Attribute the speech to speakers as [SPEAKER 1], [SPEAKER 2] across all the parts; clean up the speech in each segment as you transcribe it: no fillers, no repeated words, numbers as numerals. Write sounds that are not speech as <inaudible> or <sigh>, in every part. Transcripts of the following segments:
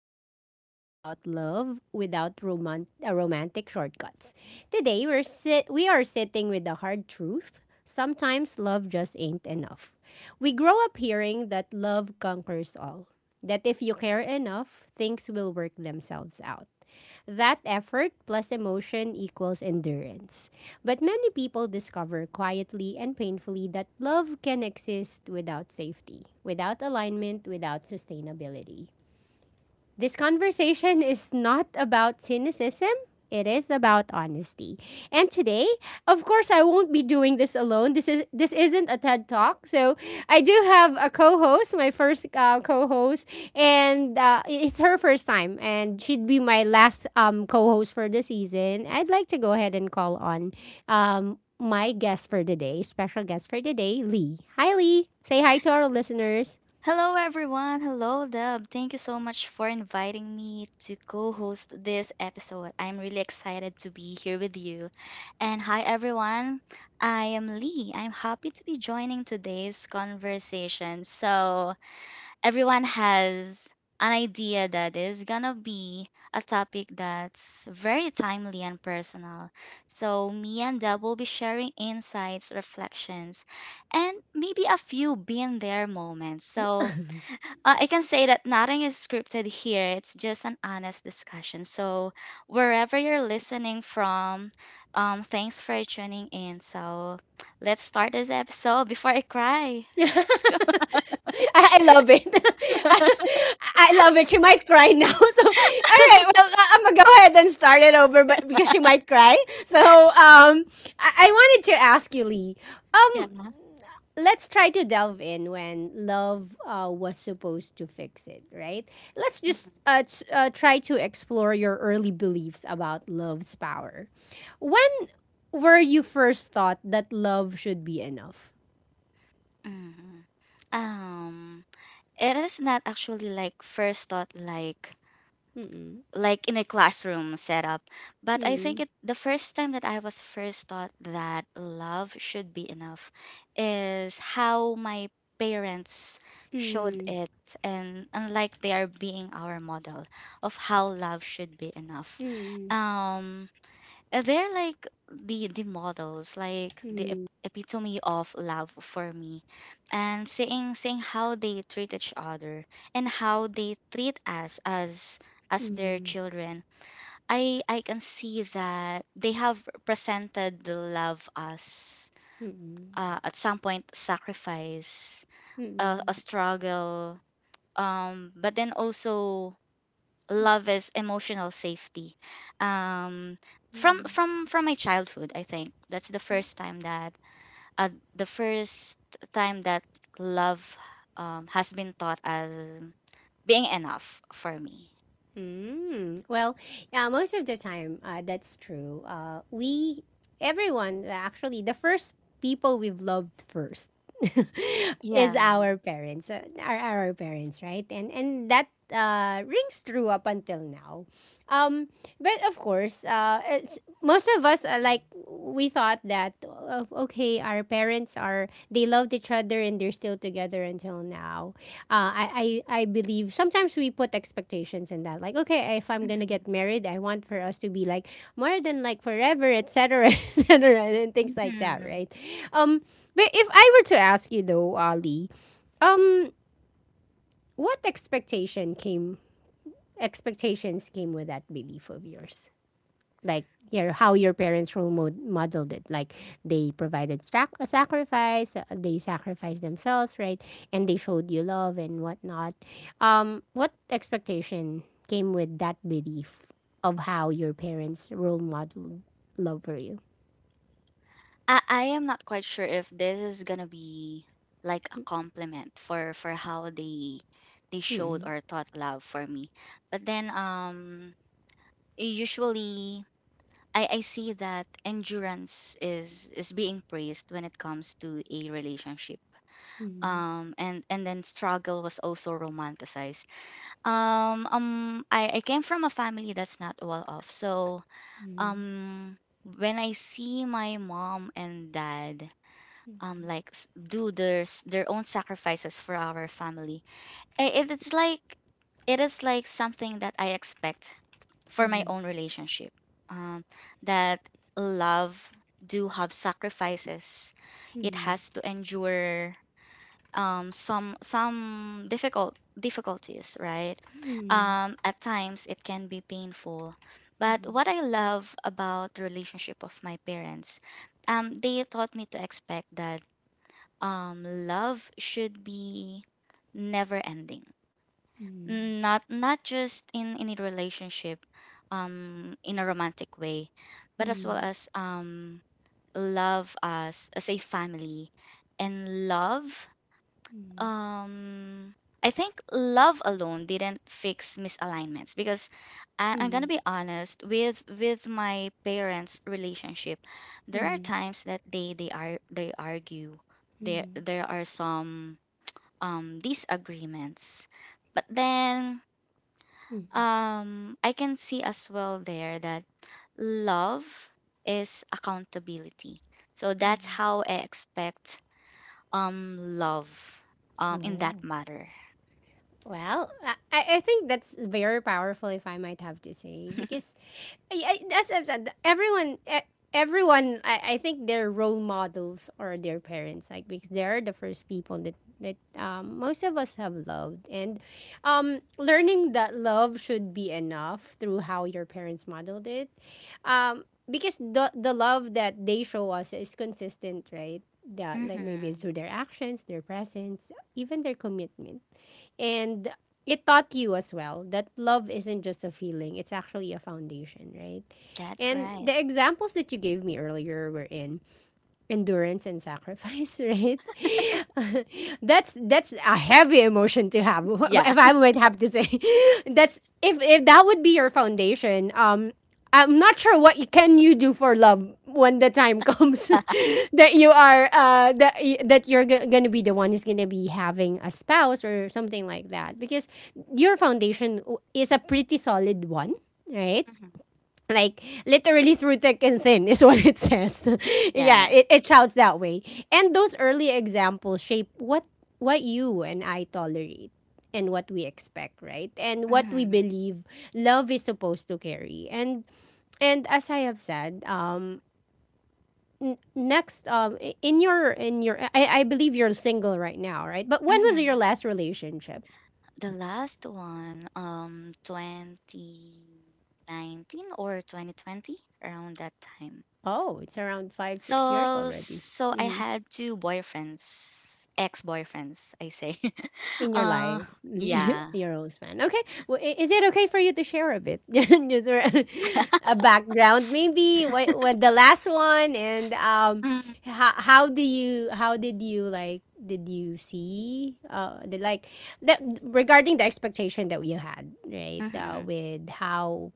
[SPEAKER 1] is where we talk about love without romantic shortcuts. Today we are sitting with the hard truth. Sometimes love just ain't enough. We grow up hearing that love conquers all. That if you care enough, things will work themselves out. That effort plus emotion equals endurance. But many people discover quietly and painfully that love can exist without safety, without alignment, without sustainability. This conversation is not about cynicism. It is about honesty. And today, of course, I won't be doing this alone. This isn't a TED Talk, so I do have a co-host, my first co-host, and it's her first time, and she'd be my last co-host for the season. I'd like to go ahead and call on my guest for today, special guest for today, Lee. Hi, Lee. Say hi to our listeners.
[SPEAKER 2] Hello, everyone. Hello, Deb. Thank you so much for inviting me to co host this episode. I'm really excited to be here with you. And hi, everyone. I am Lee. I'm happy to be joining today's conversation. So, everyone has an idea that is gonna be a topic that's very timely and personal. So, me and Deb will be sharing insights, reflections, and maybe a few been there moments. So, I can say that nothing is scripted here. It's just an honest discussion. So, wherever you're listening from, thanks for tuning in. So, let's start this episode before I cry.
[SPEAKER 1] <laughs> I, I love it. <laughs> I, I love it. She might cry now. <laughs> So, all right. Well, I'm going to go ahead and start it over but because she might cry. So, I wanted to ask you, Lee.
[SPEAKER 2] Yeah.
[SPEAKER 1] Um, let's try to delve in when love was supposed to fix it, right? Let's just try to explore your early beliefs about love's power. When were you first thought that love should be enough?
[SPEAKER 2] Hmm. Um, it is not actually like first thought,
[SPEAKER 1] Mm-mm.
[SPEAKER 2] like in a classroom setup. But I think it the first time that I was first taught that love should be enough is how my parents showed
[SPEAKER 1] Mm,
[SPEAKER 2] it and unlike they are being our model of how love should be enough.
[SPEAKER 1] mm,
[SPEAKER 2] Um They're like the models, like the
[SPEAKER 1] mm,
[SPEAKER 2] epitome of love for me, and seeing how they treat each other and how they treat us as their
[SPEAKER 1] mm,
[SPEAKER 2] children, I can see that they have presented the love as
[SPEAKER 1] mm,
[SPEAKER 2] at some point sacrifice, a
[SPEAKER 1] mm,
[SPEAKER 2] struggle, but then also love is emotional safety. um from
[SPEAKER 1] mm,
[SPEAKER 2] from from my childhood, I think that's the first time that uh, the first time that love has been taught as being enough for me.
[SPEAKER 1] mm. Well, yeah, most of the time, that's true. Everyone, actually, the first people we've loved first <laughs> is
[SPEAKER 2] Yeah.
[SPEAKER 1] our parents, our parents, right? And that rings true up until now. Um, but of course, most of us like we thought that okay, our parents are they loved each other and they're still together until now. I believe sometimes we put expectations in that, like, okay, if I'm gonna
[SPEAKER 2] Mhm.
[SPEAKER 1] get married, I want for us to be like more than like forever, etc, etc, <laughs> and things like that,
[SPEAKER 2] Mhm.
[SPEAKER 1] right? um but if I were to ask you though, Ali, um what expectations came with that belief of yours, like your how your parents role modeled it, like they provided a sacrifice, they sacrificed themselves, right? And they showed you love and whatnot. What expectation came with that belief of how your parents role modeled love for you?
[SPEAKER 2] I am not quite sure if this is gonna be like a compliment for how they showed
[SPEAKER 1] Mm-mm.
[SPEAKER 2] or taught love for me, but then usually I see that endurance is being praised when it comes to a relationship.
[SPEAKER 1] Mm-mm.
[SPEAKER 2] And then struggle was also romanticized. Um, I came from a family that's not well off. So um when I see my mom and dad like do their their own sacrifices for our family, it's like it is like something that I expect for my
[SPEAKER 1] Mm-mm.
[SPEAKER 2] own relationship, um, that love do have sacrifices. It
[SPEAKER 1] Mm-mm.
[SPEAKER 2] has to endure some difficult difficulties, right?
[SPEAKER 1] Mm-mm.
[SPEAKER 2] At times it can be painful, but what I love about the relationship of my parents, they taught me to expect that love should be never ending. Mm, not not just in a relationship in a romantic way, but as well
[SPEAKER 1] Mm-mm.
[SPEAKER 2] as love us as a family and love. um I think love alone didn't fix misalignments, because I,
[SPEAKER 1] Mm-mm.
[SPEAKER 2] I'm
[SPEAKER 1] Mm-mm.
[SPEAKER 2] gonna be honest with my parents' relationship. There are
[SPEAKER 1] Mm-mm.
[SPEAKER 2] times that they argue. There
[SPEAKER 1] Mm-mm.
[SPEAKER 2] there are some disagreements, but then
[SPEAKER 1] Mm-mm.
[SPEAKER 2] I can see as well there that love is accountability. So that's
[SPEAKER 1] Mm-mm.
[SPEAKER 2] how I expect love in that
[SPEAKER 1] Oh.
[SPEAKER 2] matter.
[SPEAKER 1] Well, I think that's very powerful, if I might have to say, because I, I, as I've said, everyone, everyone, I think their role models are their parents, like because they are the first people that most of us have loved, and learning that love should be enough through how your parents modeled it, because the love that they show us is consistent, right? That, like, maybe through
[SPEAKER 2] Mhm.
[SPEAKER 1] their actions, their presence, even their commitment, and it taught you as well that love isn't just a feeling, it's actually a foundation, right?
[SPEAKER 2] That's
[SPEAKER 1] And
[SPEAKER 2] right.
[SPEAKER 1] the examples that you gave me earlier were in endurance and sacrifice, <laughs> right? <laughs> That's a heavy emotion to have.
[SPEAKER 2] Yeah.
[SPEAKER 1] <laughs> If I might have to say, <laughs> that's if that would be your foundation. I'm not sure what can you do for love when the time <laughs> comes <laughs> that you're gonna be the one who's gonna be having a spouse or something like that because your foundation is a pretty solid one, right?
[SPEAKER 2] Mhm.
[SPEAKER 1] Like literally through thick and thin is <laughs> what it says. <laughs> Yeah,
[SPEAKER 2] That.
[SPEAKER 1] it shouts that way. And those early examples shape what you and I tolerate and what we expect, right? And what we
[SPEAKER 2] Mhm.
[SPEAKER 1] believe love is supposed to carry. And as I have said, next, in your I believe you're single right now, right? But when was your
[SPEAKER 2] Mhm.
[SPEAKER 1] last relationship?
[SPEAKER 2] The last one, 2019 or 2020, around that time.
[SPEAKER 1] Oh, it's around 5-6 years
[SPEAKER 2] So
[SPEAKER 1] already.
[SPEAKER 2] so I
[SPEAKER 1] Mm-hmm.
[SPEAKER 2] had two boyfriends, ex-boyfriends, I say. <laughs>
[SPEAKER 1] In your
[SPEAKER 2] uh
[SPEAKER 1] life, <laughs>
[SPEAKER 2] yeah.
[SPEAKER 1] your own span. Okay, well, is it okay for you to share a bit, <laughs> just a background, maybe what the last one, and how do you how did you like did you see the like that regarding the expectation that you had, right?
[SPEAKER 2] Mm-hmm.
[SPEAKER 1] With how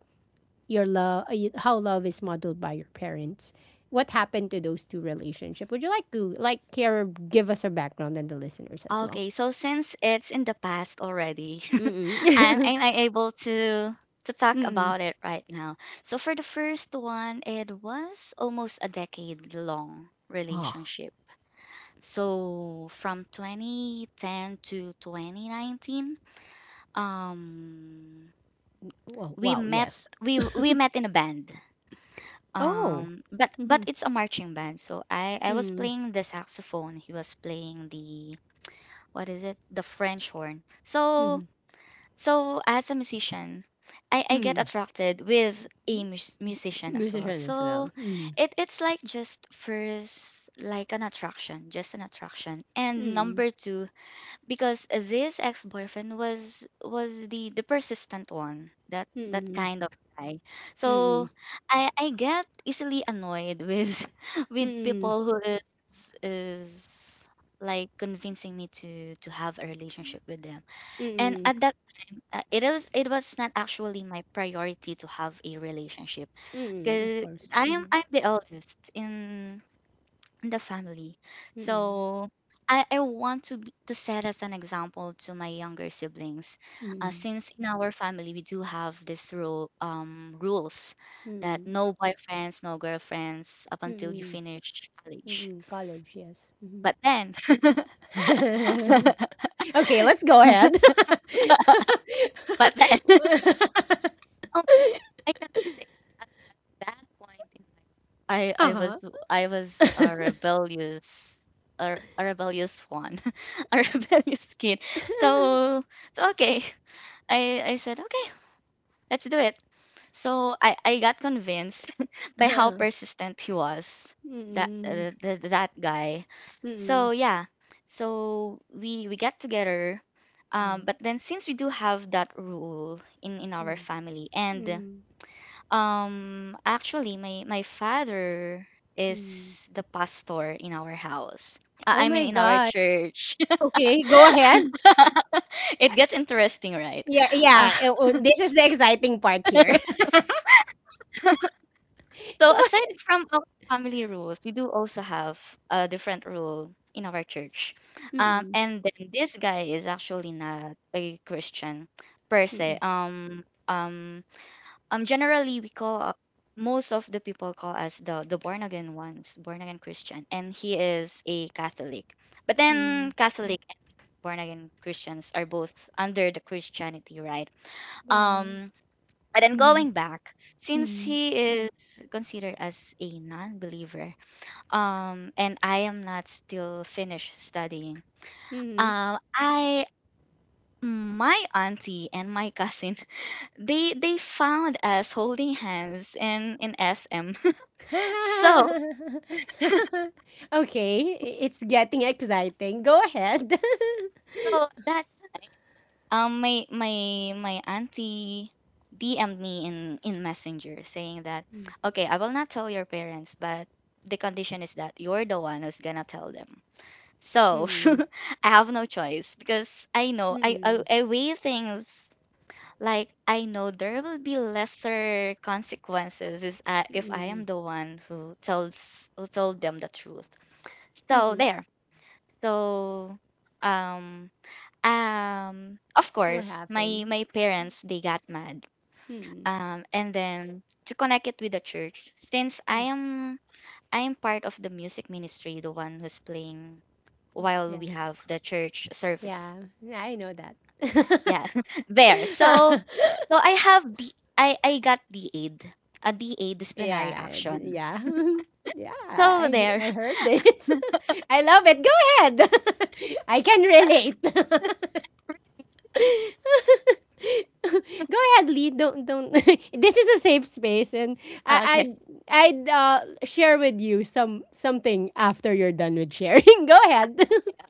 [SPEAKER 1] your love how love is modeled by your parents. What happened to those two relationship? Would you like to like care give us a background and the listeners as well?
[SPEAKER 2] Okay, so since it's in the past already, <laughs> I'm
[SPEAKER 1] Mm-mm.
[SPEAKER 2] I'm
[SPEAKER 1] <laughs>
[SPEAKER 2] I able to talk
[SPEAKER 1] Mm.
[SPEAKER 2] about it right now. So for the first one, it was almost a decade long
[SPEAKER 1] Wow.
[SPEAKER 2] relationship. So from 2010 to 2019, um
[SPEAKER 1] Wow.
[SPEAKER 2] we
[SPEAKER 1] Wow.
[SPEAKER 2] met,
[SPEAKER 1] Yes.
[SPEAKER 2] we met in a band.
[SPEAKER 1] Oh.
[SPEAKER 2] But
[SPEAKER 1] Mm-hmm.
[SPEAKER 2] it's a marching band, so I was
[SPEAKER 1] Mm.
[SPEAKER 2] playing the saxophone, he was playing the what is it, the french horn. So
[SPEAKER 1] Mm.
[SPEAKER 2] so as a musician, I get
[SPEAKER 1] Mm.
[SPEAKER 2] attracted with a musician as well.
[SPEAKER 1] Musician as
[SPEAKER 2] So
[SPEAKER 1] well. Mm.
[SPEAKER 2] it it's like just first like an attraction, just an attraction, and
[SPEAKER 1] Mm.
[SPEAKER 2] number two, because this ex-boyfriend was the persistent one, that that
[SPEAKER 1] Mm.
[SPEAKER 2] kind of guy. So
[SPEAKER 1] Mm.
[SPEAKER 2] I get easily annoyed with <laughs> with
[SPEAKER 1] Mm.
[SPEAKER 2] people who is like convincing me to have a relationship with them, and
[SPEAKER 1] Mm.
[SPEAKER 2] at that time, it was not actually my priority to have a relationship,
[SPEAKER 1] Mm. Of
[SPEAKER 2] because
[SPEAKER 1] course.
[SPEAKER 2] i am
[SPEAKER 1] Mm.
[SPEAKER 2] i'm the eldest in the family.
[SPEAKER 1] Mm.
[SPEAKER 2] So I want to to set as an example to my younger siblings,
[SPEAKER 1] Mm.
[SPEAKER 2] since in our family we do have this rules that
[SPEAKER 1] Mm.
[SPEAKER 2] no boyfriends, no girlfriends up until you
[SPEAKER 1] Mm.
[SPEAKER 2] finish college.
[SPEAKER 1] Mm. College, yes. Mm-hmm.
[SPEAKER 2] But then, <laughs>
[SPEAKER 1] <laughs> Okay, let's go ahead. <laughs>
[SPEAKER 2] but then <laughs> Um, I can say at that point in my life, I was
[SPEAKER 1] Uh-huh. <laughs>
[SPEAKER 2] I was a rebellious a rebellious one, <laughs> a rebellious kid. So so okay, I said okay, let's do it. So I got convinced <laughs> by how
[SPEAKER 1] <laughs>
[SPEAKER 2] persistent he was, that
[SPEAKER 1] Mm-mm.
[SPEAKER 2] that guy. So
[SPEAKER 1] Mm-mm.
[SPEAKER 2] yeah, so we got together. But then since we do have that rule in our family, and
[SPEAKER 1] Mm-mm.
[SPEAKER 2] actually, my father
[SPEAKER 1] Hmm.
[SPEAKER 2] is the pastor in our house.
[SPEAKER 1] Oh
[SPEAKER 2] I mean,
[SPEAKER 1] my
[SPEAKER 2] in our
[SPEAKER 1] god.
[SPEAKER 2] church.
[SPEAKER 1] Okay, go ahead.
[SPEAKER 2] <laughs> It gets interesting, right?
[SPEAKER 1] Yeah,
[SPEAKER 2] Uh,
[SPEAKER 1] yeah, eh, oh, this is the exciting part here. <laughs>
[SPEAKER 2] so
[SPEAKER 1] Go
[SPEAKER 2] aside
[SPEAKER 1] ahead.
[SPEAKER 2] from our family rules, we do also have a different rule in our church.
[SPEAKER 1] Mm-mm.
[SPEAKER 2] And then this guy is actually not a Christian per se.
[SPEAKER 1] Mm-mm.
[SPEAKER 2] Generally we call most of the people call us the born again ones, born again christian, and he is a catholic. But then
[SPEAKER 1] Mm.
[SPEAKER 2] catholic and born again christians are both under the christianity, right?
[SPEAKER 1] Yeah.
[SPEAKER 2] um and then
[SPEAKER 1] Mm-hmm.
[SPEAKER 2] going back, since he is considered as a non-believer, and I am not still finished studying,
[SPEAKER 1] Mm-hmm. Mm-hmm.
[SPEAKER 2] I my auntie and my <laughs> cousin, they found us holding hands in SM. <laughs> So
[SPEAKER 1] <laughs> Okay, it's getting exciting. Go ahead. <laughs>
[SPEAKER 2] so that time, my auntie DM'd me in Messenger saying that, okay, I will not tell your parents, but the condition is that you're the one who's gonna tell them. So
[SPEAKER 1] Mm-mm.
[SPEAKER 2] <laughs> I have no choice because I know, I
[SPEAKER 1] Mm-mm.
[SPEAKER 2] I weigh things, like I know there will be lesser consequences is if I
[SPEAKER 1] Mm-mm.
[SPEAKER 2] am the one who tells who told them the truth. So
[SPEAKER 1] Mm-hmm.
[SPEAKER 2] there. So um of
[SPEAKER 1] What
[SPEAKER 2] course my
[SPEAKER 1] happened?
[SPEAKER 2] my parents they got mad.
[SPEAKER 1] Mm-mm.
[SPEAKER 2] And then to connect it with the church, since
[SPEAKER 1] Mm.
[SPEAKER 2] I am part of the music ministry, the one who's playing while
[SPEAKER 1] Yeah.
[SPEAKER 2] we have the church service.
[SPEAKER 1] Yeah. Yeah, I know that.
[SPEAKER 2] Yeah. <laughs> There. So
[SPEAKER 1] <laughs>
[SPEAKER 2] so I have the I got the aid. A DA, disciplinary
[SPEAKER 1] Yeah,
[SPEAKER 2] action.
[SPEAKER 1] yeah, <laughs> yeah.
[SPEAKER 2] So
[SPEAKER 1] I
[SPEAKER 2] there.
[SPEAKER 1] I I
[SPEAKER 2] <laughs>
[SPEAKER 1] heard this. <laughs> I love it. Go ahead. <laughs> I can relate. <laughs> Go ahead, Lee. Don't. <laughs> This is a safe space, and I I i
[SPEAKER 2] Okay.
[SPEAKER 1] I'd share with you something after you're done with sharing. <laughs> Go ahead.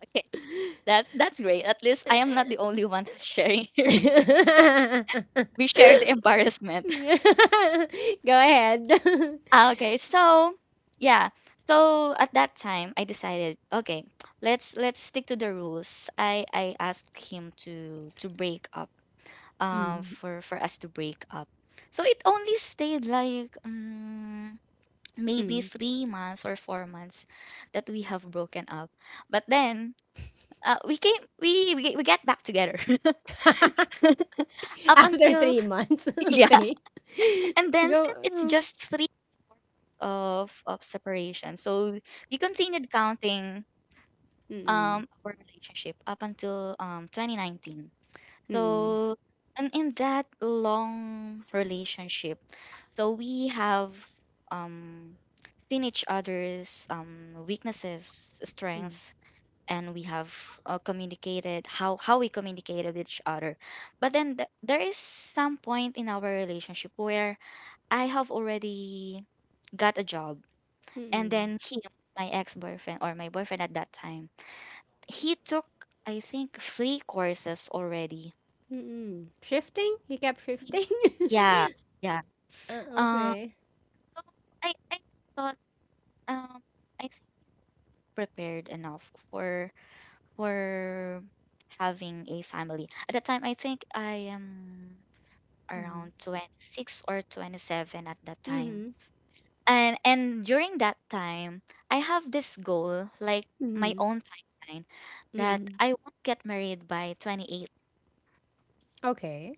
[SPEAKER 2] Okay. That's great. At least I am not the only one who's sharing <laughs> here.
[SPEAKER 1] <laughs>
[SPEAKER 2] You shared embarrassment. <laughs>
[SPEAKER 1] Go ahead. <laughs>
[SPEAKER 2] Okay, so yeah. So at that time I decided, okay, let's stick to the rules. I asked him to break up. Um,
[SPEAKER 1] Mm,
[SPEAKER 2] for us to break up. So it only stayed like maybe
[SPEAKER 1] mm.
[SPEAKER 2] 3 months or 4 months that we have broken up. But then we came we get back together.
[SPEAKER 1] <laughs>
[SPEAKER 2] <laughs>
[SPEAKER 1] <laughs>
[SPEAKER 2] Up
[SPEAKER 1] After
[SPEAKER 2] until
[SPEAKER 1] 3 months,
[SPEAKER 2] <laughs>
[SPEAKER 1] <laughs>
[SPEAKER 2] yeah,
[SPEAKER 1] okay.
[SPEAKER 2] and then
[SPEAKER 1] Go
[SPEAKER 2] since it's just
[SPEAKER 1] mm.
[SPEAKER 2] of separation. So we continued counting
[SPEAKER 1] Mm,
[SPEAKER 2] our relationship up until 2019.
[SPEAKER 1] mm,
[SPEAKER 2] So and in that long relationship, so we have um seen each other's weaknesses, strengths, and we have communicated how we communicated with each other. But then there is some point in our relationship where I have already got a job, and
[SPEAKER 1] mm,
[SPEAKER 2] then him, my ex-boyfriend or my boyfriend at that time, he took, I think, three courses already.
[SPEAKER 1] mm. Shifting? You kept shifting? <laughs>
[SPEAKER 2] Yeah, yeah.
[SPEAKER 1] Ah,
[SPEAKER 2] Um,
[SPEAKER 1] okay.
[SPEAKER 2] so I thought um I think prepared enough for having a family. At that time, I think I am
[SPEAKER 1] Mhm.
[SPEAKER 2] around 26 or 27 at that time.
[SPEAKER 1] Mhm,
[SPEAKER 2] And during that time, I have this goal, like my
[SPEAKER 1] mhm,
[SPEAKER 2] own timeline, that
[SPEAKER 1] mm.
[SPEAKER 2] I won't get married by 28.
[SPEAKER 1] Okay.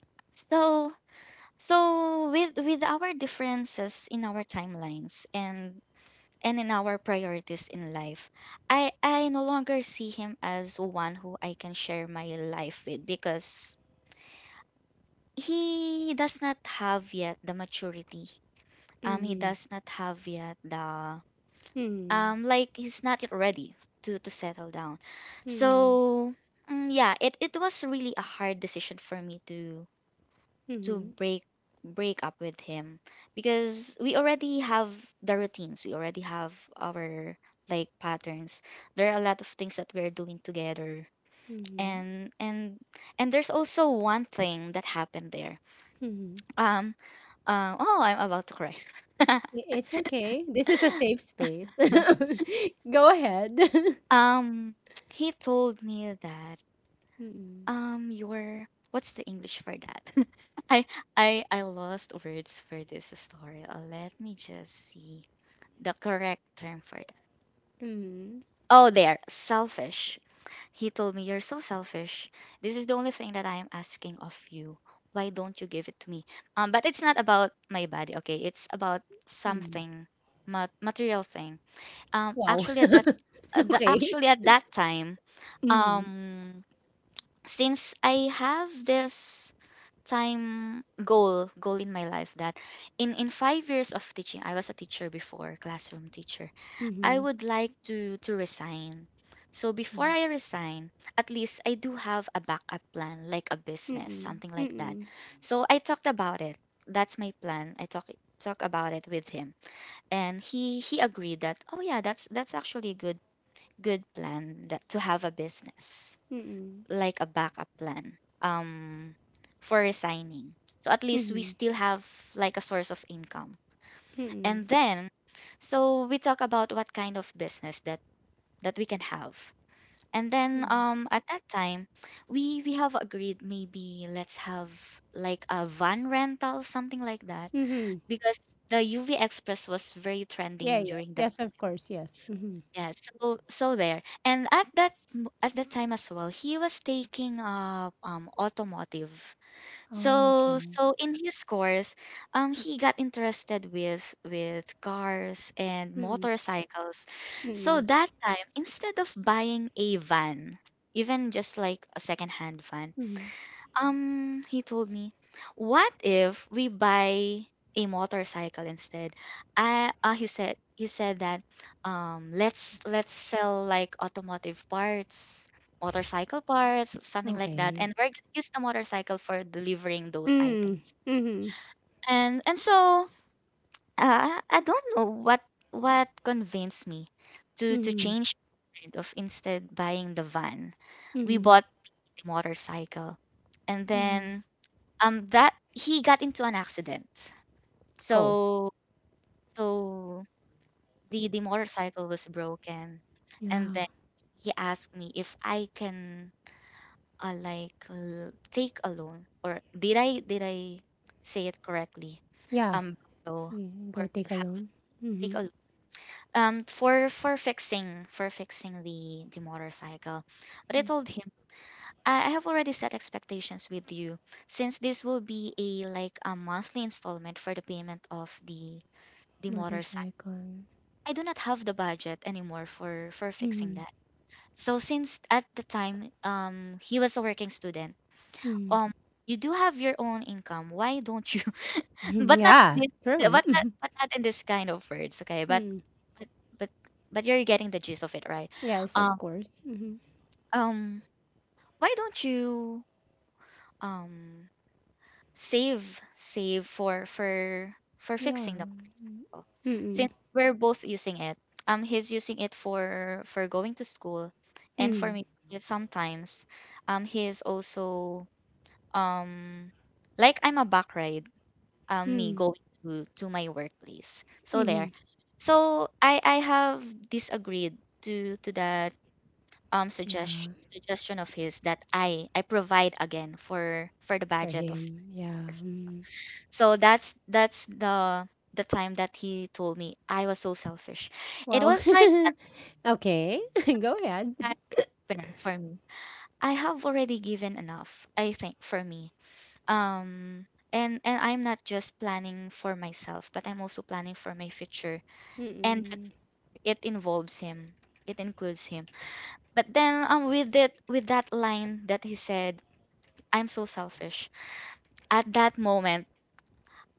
[SPEAKER 2] So so with our differences in our timelines and in our priorities in life, I no longer see him as one who I can share my life with, because he does not have yet the maturity, he
[SPEAKER 1] Mhm,
[SPEAKER 2] does not have yet the
[SPEAKER 1] mhm,
[SPEAKER 2] like he's not yet ready to settle down.
[SPEAKER 1] mhm,
[SPEAKER 2] So mm, yeah, it was really a hard decision for me to
[SPEAKER 1] mhm,
[SPEAKER 2] break up with him, because we already have the routines, we already have our like patterns. There are a lot of things that we're doing together,
[SPEAKER 1] mhm,
[SPEAKER 2] and and there's also one thing that happened there.
[SPEAKER 1] mhm.
[SPEAKER 2] um oh, I'm about to cry.
[SPEAKER 1] I it's okay. This is a safe space. <laughs> Go ahead. <laughs>
[SPEAKER 2] <laughs> um he told me that
[SPEAKER 1] Mm,
[SPEAKER 2] your what's the English for that? <laughs> I I lost words for this story. Let me just see the correct term for that.
[SPEAKER 1] mm,
[SPEAKER 2] Oh, there, selfish. He told me, you're so selfish. This is the only thing that I am asking of you. Why don't you give it to me? But it's not about my body. Okay, it's about
[SPEAKER 1] mm.
[SPEAKER 2] something, mat- material thing.
[SPEAKER 1] Wow.
[SPEAKER 2] Actually at that,
[SPEAKER 1] <laughs>
[SPEAKER 2] the
[SPEAKER 1] Okay.
[SPEAKER 2] actually at that time,
[SPEAKER 1] Mhm,
[SPEAKER 2] um, since I have this time goal in my life that in 5 years of teaching, I was a teacher before, classroom teacher. I
[SPEAKER 1] mhm,
[SPEAKER 2] would like to resign, so before
[SPEAKER 1] mm.
[SPEAKER 2] I resign at least I do have a backup plan, like a
[SPEAKER 1] Mm,
[SPEAKER 2] business,
[SPEAKER 1] mm,
[SPEAKER 2] something like that.
[SPEAKER 1] mm,
[SPEAKER 2] So I talked about it, that's my plan. I talk about it with him and he agreed that, oh yeah, that's actually a good plan, that to have a business like a backup plan, for resigning. So at least we
[SPEAKER 1] mhm,
[SPEAKER 2] still have like a source of income.
[SPEAKER 1] mm,
[SPEAKER 2] And then, so we talk about what kind of business that we can have. And then
[SPEAKER 1] mm,
[SPEAKER 2] at that time we have agreed, maybe let's have like a van rental, something like that,
[SPEAKER 1] mhm.
[SPEAKER 2] because the UV Express was very
[SPEAKER 1] Yeah,
[SPEAKER 2] trending
[SPEAKER 1] yes.
[SPEAKER 2] during that,
[SPEAKER 1] Yes, of course, yes. Mhm.
[SPEAKER 2] yeah. So so there, and at that at that time as well, he was taking automotive. So
[SPEAKER 1] Okay.
[SPEAKER 2] so in his course, he got interested with cars and
[SPEAKER 1] Mm,
[SPEAKER 2] motorcycles. So
[SPEAKER 1] mm,
[SPEAKER 2] that time, instead of buying a van, even just like a secondhand van,
[SPEAKER 1] mhm.
[SPEAKER 2] he told me, "What if we buy a motorcycle instead?" I he said that let's sell like automotive parts, motorcycle parts, something like that,
[SPEAKER 1] Okay.
[SPEAKER 2] and we're gonna use the motorcycle for delivering those
[SPEAKER 1] Mm,
[SPEAKER 2] items.
[SPEAKER 1] mhm,
[SPEAKER 2] And so I don't know what convinced me to
[SPEAKER 1] mhm,
[SPEAKER 2] change my mind of, instead buying the van, we
[SPEAKER 1] mhm,
[SPEAKER 2] bought the motorcycle. And
[SPEAKER 1] mhm.
[SPEAKER 2] then that he got into an accident.
[SPEAKER 1] Oh,
[SPEAKER 2] So so the motorcycle was broken, and
[SPEAKER 1] yeah.
[SPEAKER 2] then he asked me if I can, like l- take a loan, or did I did I say it correctly,
[SPEAKER 1] Yeah.
[SPEAKER 2] um borrow
[SPEAKER 1] Mm,
[SPEAKER 2] or
[SPEAKER 1] go take a
[SPEAKER 2] have,
[SPEAKER 1] loan.
[SPEAKER 2] take
[SPEAKER 1] Mhm.
[SPEAKER 2] a loan for fixing, for fixing the motorcycle. But I told him, I have already set expectations with you, since this will be a like a monthly installment for the payment of the motorcycle.
[SPEAKER 1] Motorcycle.
[SPEAKER 2] I do not have the budget anymore for fixing
[SPEAKER 1] Mhm.
[SPEAKER 2] that. So since at the time he was a working student,
[SPEAKER 1] Mm.
[SPEAKER 2] um you do have your own income. Why don't you?
[SPEAKER 1] <laughs>
[SPEAKER 2] <laughs> But not
[SPEAKER 1] Yeah,
[SPEAKER 2] in
[SPEAKER 1] true.
[SPEAKER 2] but not,
[SPEAKER 1] <laughs>
[SPEAKER 2] but not in this kind of words, okay?
[SPEAKER 1] Mm.
[SPEAKER 2] But but but you're getting the gist of it, right?
[SPEAKER 1] Yes, of
[SPEAKER 2] Um
[SPEAKER 1] course. Mhm.
[SPEAKER 2] um why don't you um save for
[SPEAKER 1] Yeah.
[SPEAKER 2] fixing the motorcycle,
[SPEAKER 1] Mm-mm.
[SPEAKER 2] since we're both using it. He's using it for going to school, and for
[SPEAKER 1] Mm-mm.
[SPEAKER 2] me sometimes, he's also, um like I'm a back ride, me going to my workplace, so
[SPEAKER 1] Mm-mm.
[SPEAKER 2] there. So I have disagreed to that
[SPEAKER 1] Yeah.
[SPEAKER 2] suggestion of his, that I provide again for the
[SPEAKER 1] For
[SPEAKER 2] budget of
[SPEAKER 1] him, yeah.
[SPEAKER 2] fixing.
[SPEAKER 1] Mm.
[SPEAKER 2] So that's the time that he told me I was so selfish. It
[SPEAKER 1] Wow.
[SPEAKER 2] was like
[SPEAKER 1] <laughs> Okay, <laughs> go ahead.
[SPEAKER 2] an opener for me. I have already given enough, I think, for me. Um and I'm not just planning for myself, but I'm also planning for my future. And
[SPEAKER 1] Mm-mm.
[SPEAKER 2] it involves him. It includes him. But then with it, with that line that he said, I'm so selfish, at that moment,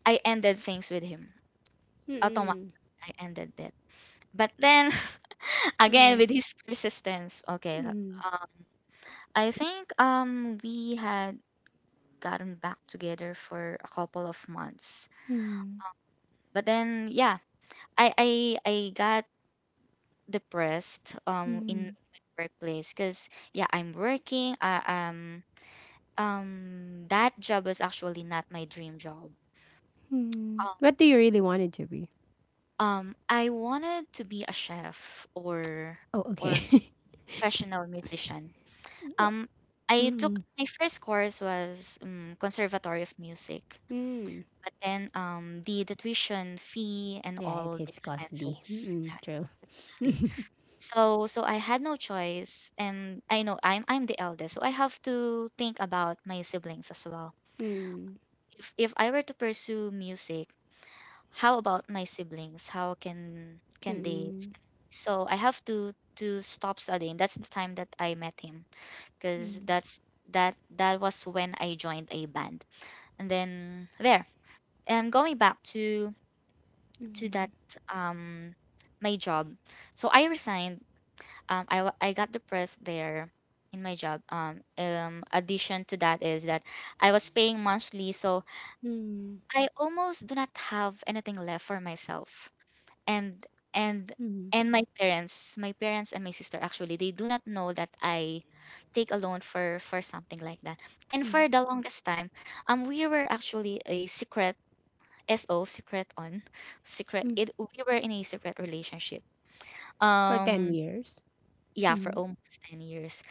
[SPEAKER 2] I ended things with him. Automatically
[SPEAKER 1] Mm-mm.
[SPEAKER 2] I ended it. But then, again,
[SPEAKER 1] Mm.
[SPEAKER 2] with his persistence. Okay. So,
[SPEAKER 1] Mm.
[SPEAKER 2] Uh, I think we had gotten back together for a couple of months.
[SPEAKER 1] Mm.
[SPEAKER 2] But then yeah, I got depressed in
[SPEAKER 1] Mm.
[SPEAKER 2] my workplace because yeah, I'm working. I that job is actually not my dream job.
[SPEAKER 1] Mm.
[SPEAKER 2] Um,
[SPEAKER 1] What do you really want it to be?
[SPEAKER 2] I wanted to be a chef
[SPEAKER 1] Oh,
[SPEAKER 2] or
[SPEAKER 1] okay. <laughs>
[SPEAKER 2] professional musician.
[SPEAKER 1] Th-
[SPEAKER 2] Um, I took
[SPEAKER 1] Mm.
[SPEAKER 2] my first course, was Conservatory of Music,
[SPEAKER 1] Mm.
[SPEAKER 2] but then the tuition fee and
[SPEAKER 1] Yeah,
[SPEAKER 2] all the
[SPEAKER 1] it's costly.
[SPEAKER 2] expenses,
[SPEAKER 1] Mm-mm.
[SPEAKER 2] yeah,
[SPEAKER 1] True.
[SPEAKER 2] it's costly.
[SPEAKER 1] <laughs>
[SPEAKER 2] So so I had no choice, and I know I'm the eldest, so I have to think about my siblings as well.
[SPEAKER 1] Mm.
[SPEAKER 2] If I were to pursue music, how about my siblings? How can they?
[SPEAKER 1] Mm-mm.
[SPEAKER 2] st- So I have to stop studying. That's the time that I met him, because
[SPEAKER 1] Mm.
[SPEAKER 2] that's that was when I joined a band. And then there, and going back to that
[SPEAKER 1] Mm.
[SPEAKER 2] um my job. So I resigned. I got depressed there in my job. Addition to that is that I was paying monthly, so
[SPEAKER 1] Mm.
[SPEAKER 2] I almost do not have anything left for myself. and and
[SPEAKER 1] Mm.
[SPEAKER 2] and my parents and my sister actually, they do not know that I take a loan for something like that. And
[SPEAKER 1] Mm.
[SPEAKER 2] for the longest time we were actually a secret, so secret on secret
[SPEAKER 1] Mm.
[SPEAKER 2] it we were in a secret relationship.
[SPEAKER 1] For 10
[SPEAKER 2] um
[SPEAKER 1] years.
[SPEAKER 2] yeah, for
[SPEAKER 1] Mm.
[SPEAKER 2] almost 10 years.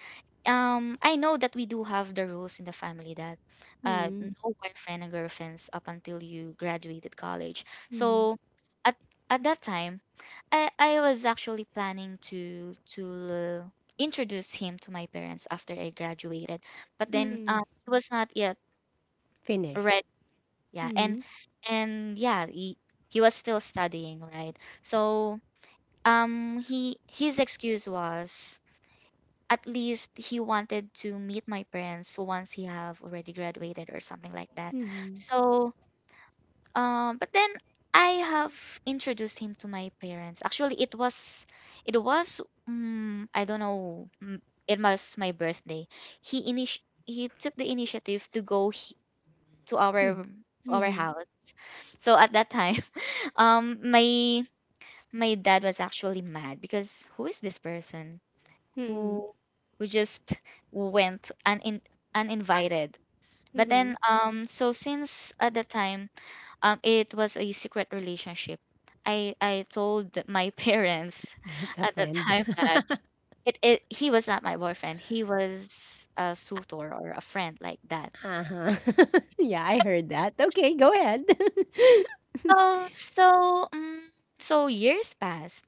[SPEAKER 2] I know that we do have the rules in the family that,
[SPEAKER 1] Mm.
[SPEAKER 2] no boyfriend and girlfriends up until you graduated college.
[SPEAKER 1] Mm.
[SPEAKER 2] So at at that time I was actually planning to introduce him to my parents after I graduated, but then
[SPEAKER 1] Mm.
[SPEAKER 2] he was not yet
[SPEAKER 1] Finished.
[SPEAKER 2] ready. Yeah,
[SPEAKER 1] Mm.
[SPEAKER 2] and yeah, he was still studying, right? So he, his excuse was, at least he wanted to meet my parents once he have already graduated or something like that.
[SPEAKER 1] Mm.
[SPEAKER 2] So but then I have introduced him to my parents. Actually, it was, it was, I don't know. It was my birthday. He init he took the initiative to go
[SPEAKER 1] Hmm.
[SPEAKER 2] to our
[SPEAKER 1] Mhm.
[SPEAKER 2] house. So at that time, <laughs> my my dad was actually mad because, who is this person who
[SPEAKER 1] Mm.
[SPEAKER 2] who just went unin uninvited? But
[SPEAKER 1] Mhm.
[SPEAKER 2] then so since at that time it was a secret relationship, I told my <laughs> parents
[SPEAKER 1] <laughs> It's a
[SPEAKER 2] at the
[SPEAKER 1] friend.
[SPEAKER 2] time
[SPEAKER 1] <laughs>
[SPEAKER 2] that it he was not my boyfriend, he was a suitor or a friend like that.
[SPEAKER 1] Uh-huh. <laughs> Yeah, I heard that. Okay, go ahead. <laughs>
[SPEAKER 2] So so um, so years passed.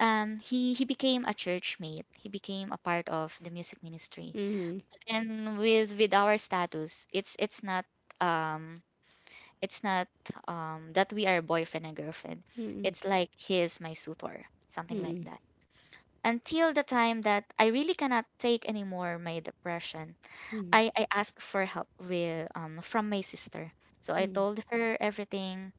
[SPEAKER 2] He became a church mate, he became a part of the music ministry,
[SPEAKER 1] Mhm.
[SPEAKER 2] and with our status, it's not um it's not that we are boyfriend and girlfriend,
[SPEAKER 1] Mm.
[SPEAKER 2] it's like he is my suitor, something like
[SPEAKER 1] Mm.
[SPEAKER 2] that, until the time that I really cannot take anymore my depression.
[SPEAKER 1] Mm.
[SPEAKER 2] I asked for help with from my sister. So I
[SPEAKER 1] Mm.
[SPEAKER 2] told her everything,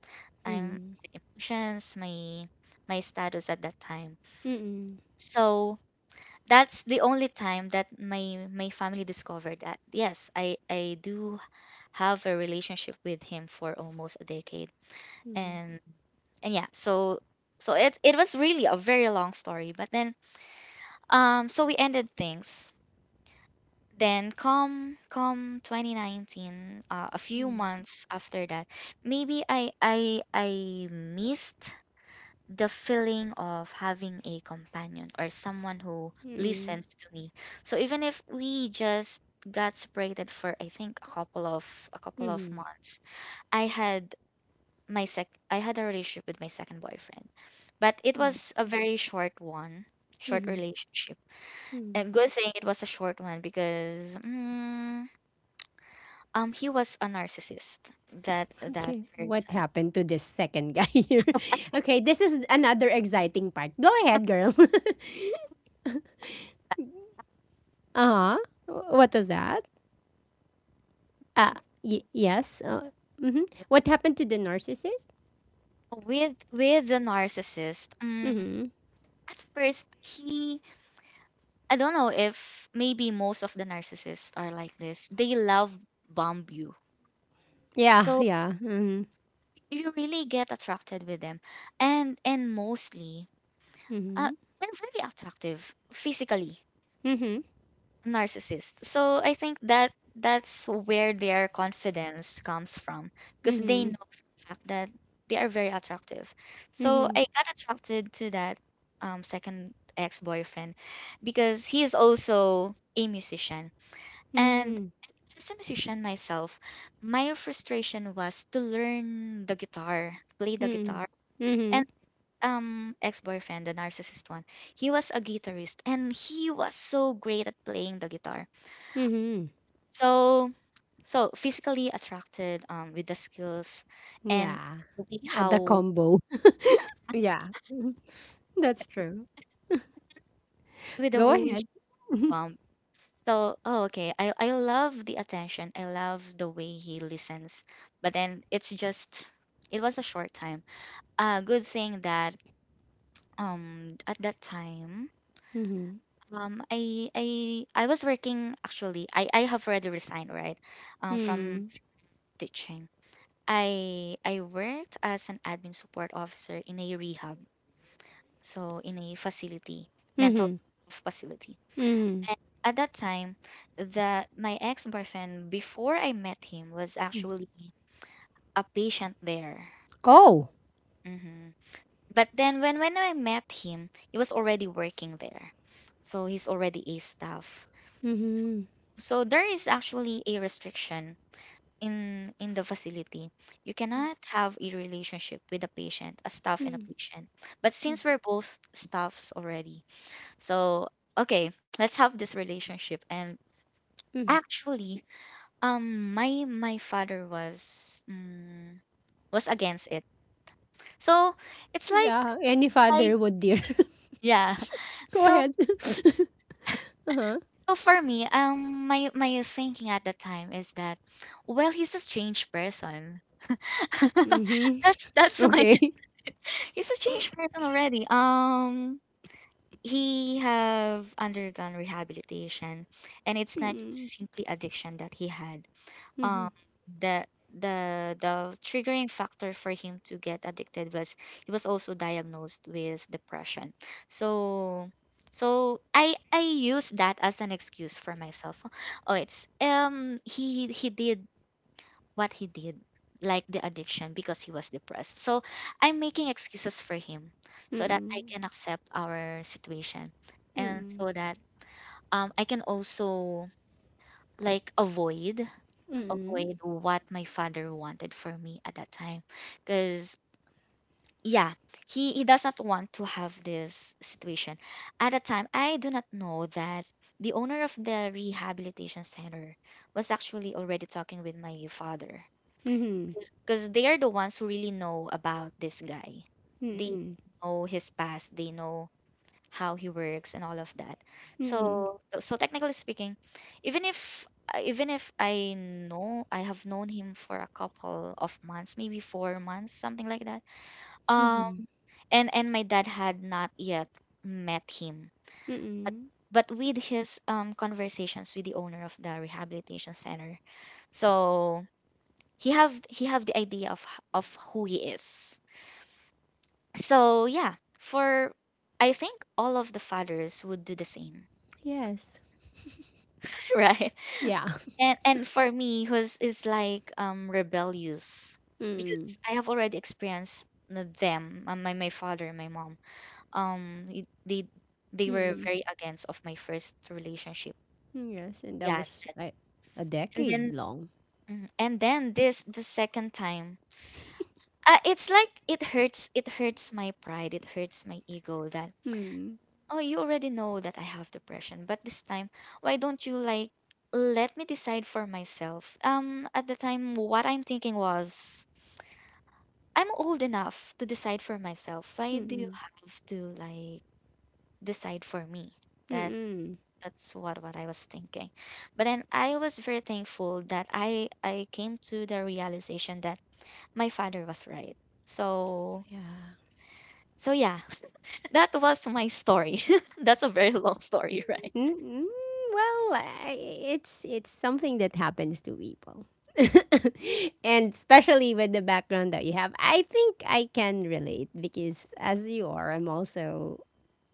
[SPEAKER 2] I'm
[SPEAKER 1] Mm.
[SPEAKER 2] emotions, my status at that time.
[SPEAKER 1] Mm. Mm.
[SPEAKER 2] So that's the only time that my family discovered that yes, I do have a relationship with him for almost a decade.
[SPEAKER 1] Mm. Mm.
[SPEAKER 2] And and yeah, so so it was really a very long story, but then so we ended things. Then come 2019, a few months after that, maybe I missed the feeling of having a companion or someone who listens to me. So even if we just got separated for, I think, a couple of
[SPEAKER 1] Mhm.
[SPEAKER 2] months, I had my sec I had a relationship with my second boyfriend, but it
[SPEAKER 1] Mm.
[SPEAKER 2] was a very short one, short
[SPEAKER 1] Mhm.
[SPEAKER 2] relationship. And
[SPEAKER 1] Mm.
[SPEAKER 2] good thing it was a short one because. He was a narcissist, that that
[SPEAKER 1] Okay, what
[SPEAKER 2] person.
[SPEAKER 1] happened to this second guy <laughs> here? Okay, this is another exciting part. Go ahead, girl. <laughs> Uh-huh. What was that? Uh, yes. Mhm. What happened to the narcissist?
[SPEAKER 2] With the narcissist,
[SPEAKER 1] Mm-hmm.
[SPEAKER 2] at first he, I don't know, if maybe most of the narcissists are like this, they love bomb you.
[SPEAKER 1] Yeah,
[SPEAKER 2] So
[SPEAKER 1] yeah. Mhm.
[SPEAKER 2] you really get attracted with them. And mostly uh,
[SPEAKER 1] Mhm.
[SPEAKER 2] they're very attractive physically, narcissist. So I think that that's where their confidence comes from, because they
[SPEAKER 1] Mhm.
[SPEAKER 2] know for a fact that they are very attractive. So
[SPEAKER 1] Mhm.
[SPEAKER 2] I got attracted to that second ex-boyfriend because he is also a musician. And
[SPEAKER 1] Mhm.
[SPEAKER 2] as a musician myself, my frustration was to learn the guitar, play the
[SPEAKER 1] Mhm.
[SPEAKER 2] guitar.
[SPEAKER 1] Mhm.
[SPEAKER 2] And
[SPEAKER 1] Mhm.
[SPEAKER 2] ex-boyfriend, the narcissist one, he was a guitarist and he was so great at playing the guitar.
[SPEAKER 1] Mhm.
[SPEAKER 2] So, so physically attracted with the skills and
[SPEAKER 1] Yeah.
[SPEAKER 2] the way
[SPEAKER 1] At the
[SPEAKER 2] how,
[SPEAKER 1] combo. <laughs> Yeah. Mhm. That's true.
[SPEAKER 2] with the
[SPEAKER 1] Go
[SPEAKER 2] way he
[SPEAKER 1] ahead.
[SPEAKER 2] um so oh okay I love the attention, I love the way he listens. But then it's just, it was a short time. Good thing that at that time,
[SPEAKER 1] Mhm.
[SPEAKER 2] I was working, actually I have already resigned, right, from
[SPEAKER 1] Mhm.
[SPEAKER 2] teaching. I worked as an admin support officer in a rehab, so in a facility, mental
[SPEAKER 1] Mhm.
[SPEAKER 2] health facility.
[SPEAKER 1] Mhm.
[SPEAKER 2] And at that time, that my ex boyfriend, before I met him, was
[SPEAKER 1] Mhm.
[SPEAKER 2] actually a patient there.
[SPEAKER 1] Oh.
[SPEAKER 2] hmm But then when I met him, he was already working there, so he's already a staff.
[SPEAKER 1] Mhm.
[SPEAKER 2] So there is actually a restriction in the facility. You cannot have a relationship with a patient, a staff and a
[SPEAKER 1] Mhm.
[SPEAKER 2] patient. But since we're both staffs already, so, okay, let's have this relationship.
[SPEAKER 1] Mhm.
[SPEAKER 2] And actually, my my father was against it. So
[SPEAKER 1] Yeah,
[SPEAKER 2] it's like
[SPEAKER 1] any father would
[SPEAKER 2] I,
[SPEAKER 1] dear. <laughs>
[SPEAKER 2] yeah.
[SPEAKER 1] Go
[SPEAKER 2] <laughs>
[SPEAKER 1] ahead.
[SPEAKER 2] So
[SPEAKER 1] <laughs> Uh-huh.
[SPEAKER 2] so for me, my my thinking at the time is that, well, he's a strange person. <laughs>
[SPEAKER 1] Mhm.
[SPEAKER 2] that's my
[SPEAKER 1] Okay.
[SPEAKER 2] <laughs> he's a changed person already. He have undergone rehabilitation, and it's not
[SPEAKER 1] Mhm.
[SPEAKER 2] just simply addiction that he had. um
[SPEAKER 1] Mhm.
[SPEAKER 2] the the triggering factor for him to get addicted was he was also diagnosed with depression. So I use that as an excuse for myself. Oh, it's he did what he did, like the addiction, because he was depressed. So I'm making excuses for him so that I
[SPEAKER 1] Mhm.
[SPEAKER 2] can accept our situation, and
[SPEAKER 1] Mhm.
[SPEAKER 2] so that I can also, like, avoid
[SPEAKER 1] Mhm.
[SPEAKER 2] avoid what my father wanted for me at that time. Because, yeah, he does not want to have this situation. At that time, I do not know that the owner of the rehabilitation center was actually already talking with my father,
[SPEAKER 1] Mhm.
[SPEAKER 2] because they are the ones who really know about this guy. They
[SPEAKER 1] Mhm.
[SPEAKER 2] know his past, they know how he works, and all of that.
[SPEAKER 1] Mhm.
[SPEAKER 2] So so technically speaking, even if even if I know, I have known him for a couple of months, maybe 4 months, something like that. Um,
[SPEAKER 1] Mhm.
[SPEAKER 2] and my dad had not yet met him, but
[SPEAKER 1] Mm.
[SPEAKER 2] but with his conversations with the owner of the rehabilitation center, so he have the idea of of who he is. So yeah, for I think all of the fathers would do the same,
[SPEAKER 1] Yes.
[SPEAKER 2] <laughs> right?
[SPEAKER 1] Yeah. <laughs>
[SPEAKER 2] And for me, who's is like rebellious, because
[SPEAKER 1] Mm.
[SPEAKER 2] I have already experienced them, my my father and my mom, um y- they they were
[SPEAKER 1] Mm.
[SPEAKER 2] very against of my first relationship.
[SPEAKER 1] Yes, and that
[SPEAKER 2] Yeah,
[SPEAKER 1] was like a
[SPEAKER 2] and then,
[SPEAKER 1] decade long.
[SPEAKER 2] and then this the second time, it's like it hurts, it hurts my pride, it hurts my ego, that
[SPEAKER 1] Mm.
[SPEAKER 2] oh, you already know that I have depression, but this time, why don't you, like, let me decide for myself? At the time, what I'm thinking was, I'm old enough to decide for myself. Why do you
[SPEAKER 1] Mm.
[SPEAKER 2] have to, like, decide for me? That
[SPEAKER 1] Mm.
[SPEAKER 2] that's what I was thinking. But then I was very thankful that I came to the realization that my father was right. So
[SPEAKER 1] Yeah.
[SPEAKER 2] so yeah, <laughs> that was my story. <laughs> that's a very long story, <laughs> right?
[SPEAKER 1] Mm-mm. Well, I, it's something that happens to people. <laughs> And especially with the background that you have, I think I can relate because as you are, I'm also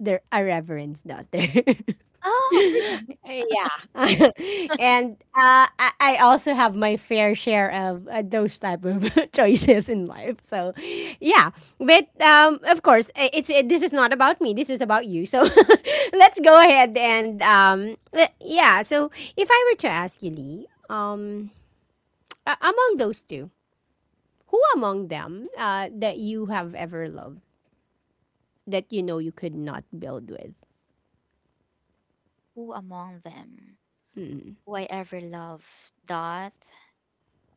[SPEAKER 1] the a reverend's daughter. <laughs> <laughs>
[SPEAKER 2] Oh, really?
[SPEAKER 1] Yeah. <laughs> And I also have my fair share of those type of <laughs> choices in life, so yeah, but of course it, this is not about me, this is about you, so <laughs> let's go ahead and yeah. So if I were to ask you, Lee, among those two, who among them that you have ever loved, that you know you could not build with.
[SPEAKER 2] Who among them, who I ever loved? Dot.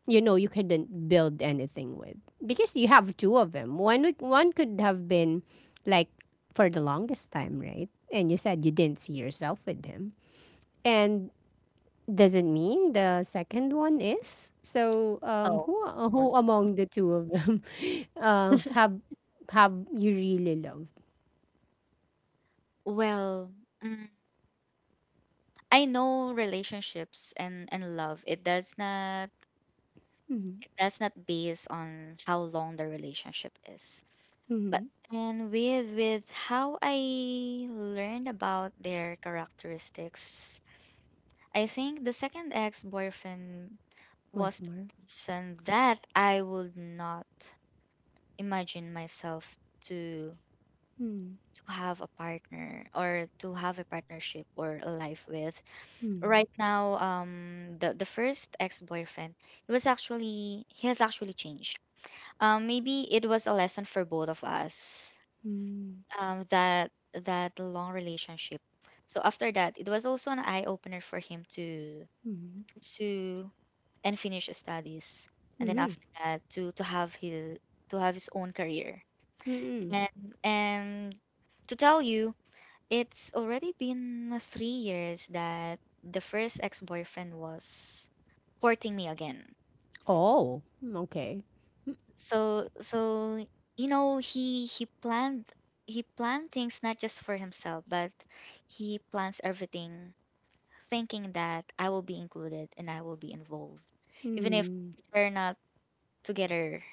[SPEAKER 1] You know you couldn't build anything with because you have two of them. One could have been, like, for the longest time, right? And you said you didn't see yourself with him, and doesn't mean the second one is. So
[SPEAKER 2] Oh, oh,
[SPEAKER 1] who among the two of them <laughs> uh, have have you really loved?
[SPEAKER 2] well, mm, I know relationships and love,
[SPEAKER 1] Mm-hmm.
[SPEAKER 2] it does not base on how long the relationship is.
[SPEAKER 1] Mm-hmm.
[SPEAKER 2] But and with how I learned about their characteristics, I think the second ex-boyfriend
[SPEAKER 1] What's
[SPEAKER 2] was the
[SPEAKER 1] more?
[SPEAKER 2] person that I would not imagine myself to
[SPEAKER 1] Mm-hmm.
[SPEAKER 2] to have a partner, or to have a partnership or a life with
[SPEAKER 1] Mm-hmm.
[SPEAKER 2] right now. The first ex-boyfriend, he has actually changed. Maybe it was a lesson for both of us,
[SPEAKER 1] Mm-hmm.
[SPEAKER 2] that that long relationship. So after that, it was also an eye-opener for him to pursue and finish his studies, and then
[SPEAKER 1] Mm-hmm.
[SPEAKER 2] after that, to have his own career.
[SPEAKER 1] Mm-hmm.
[SPEAKER 2] and and to tell you, it's already been 3 years that the first ex boyfriend was courting me again.
[SPEAKER 1] Oh, okay.
[SPEAKER 2] So so you know, he planned, he planned things not just for himself, but he plans everything thinking that I will be included and I will be involved, even if
[SPEAKER 1] Mm-hmm.
[SPEAKER 2] we're not together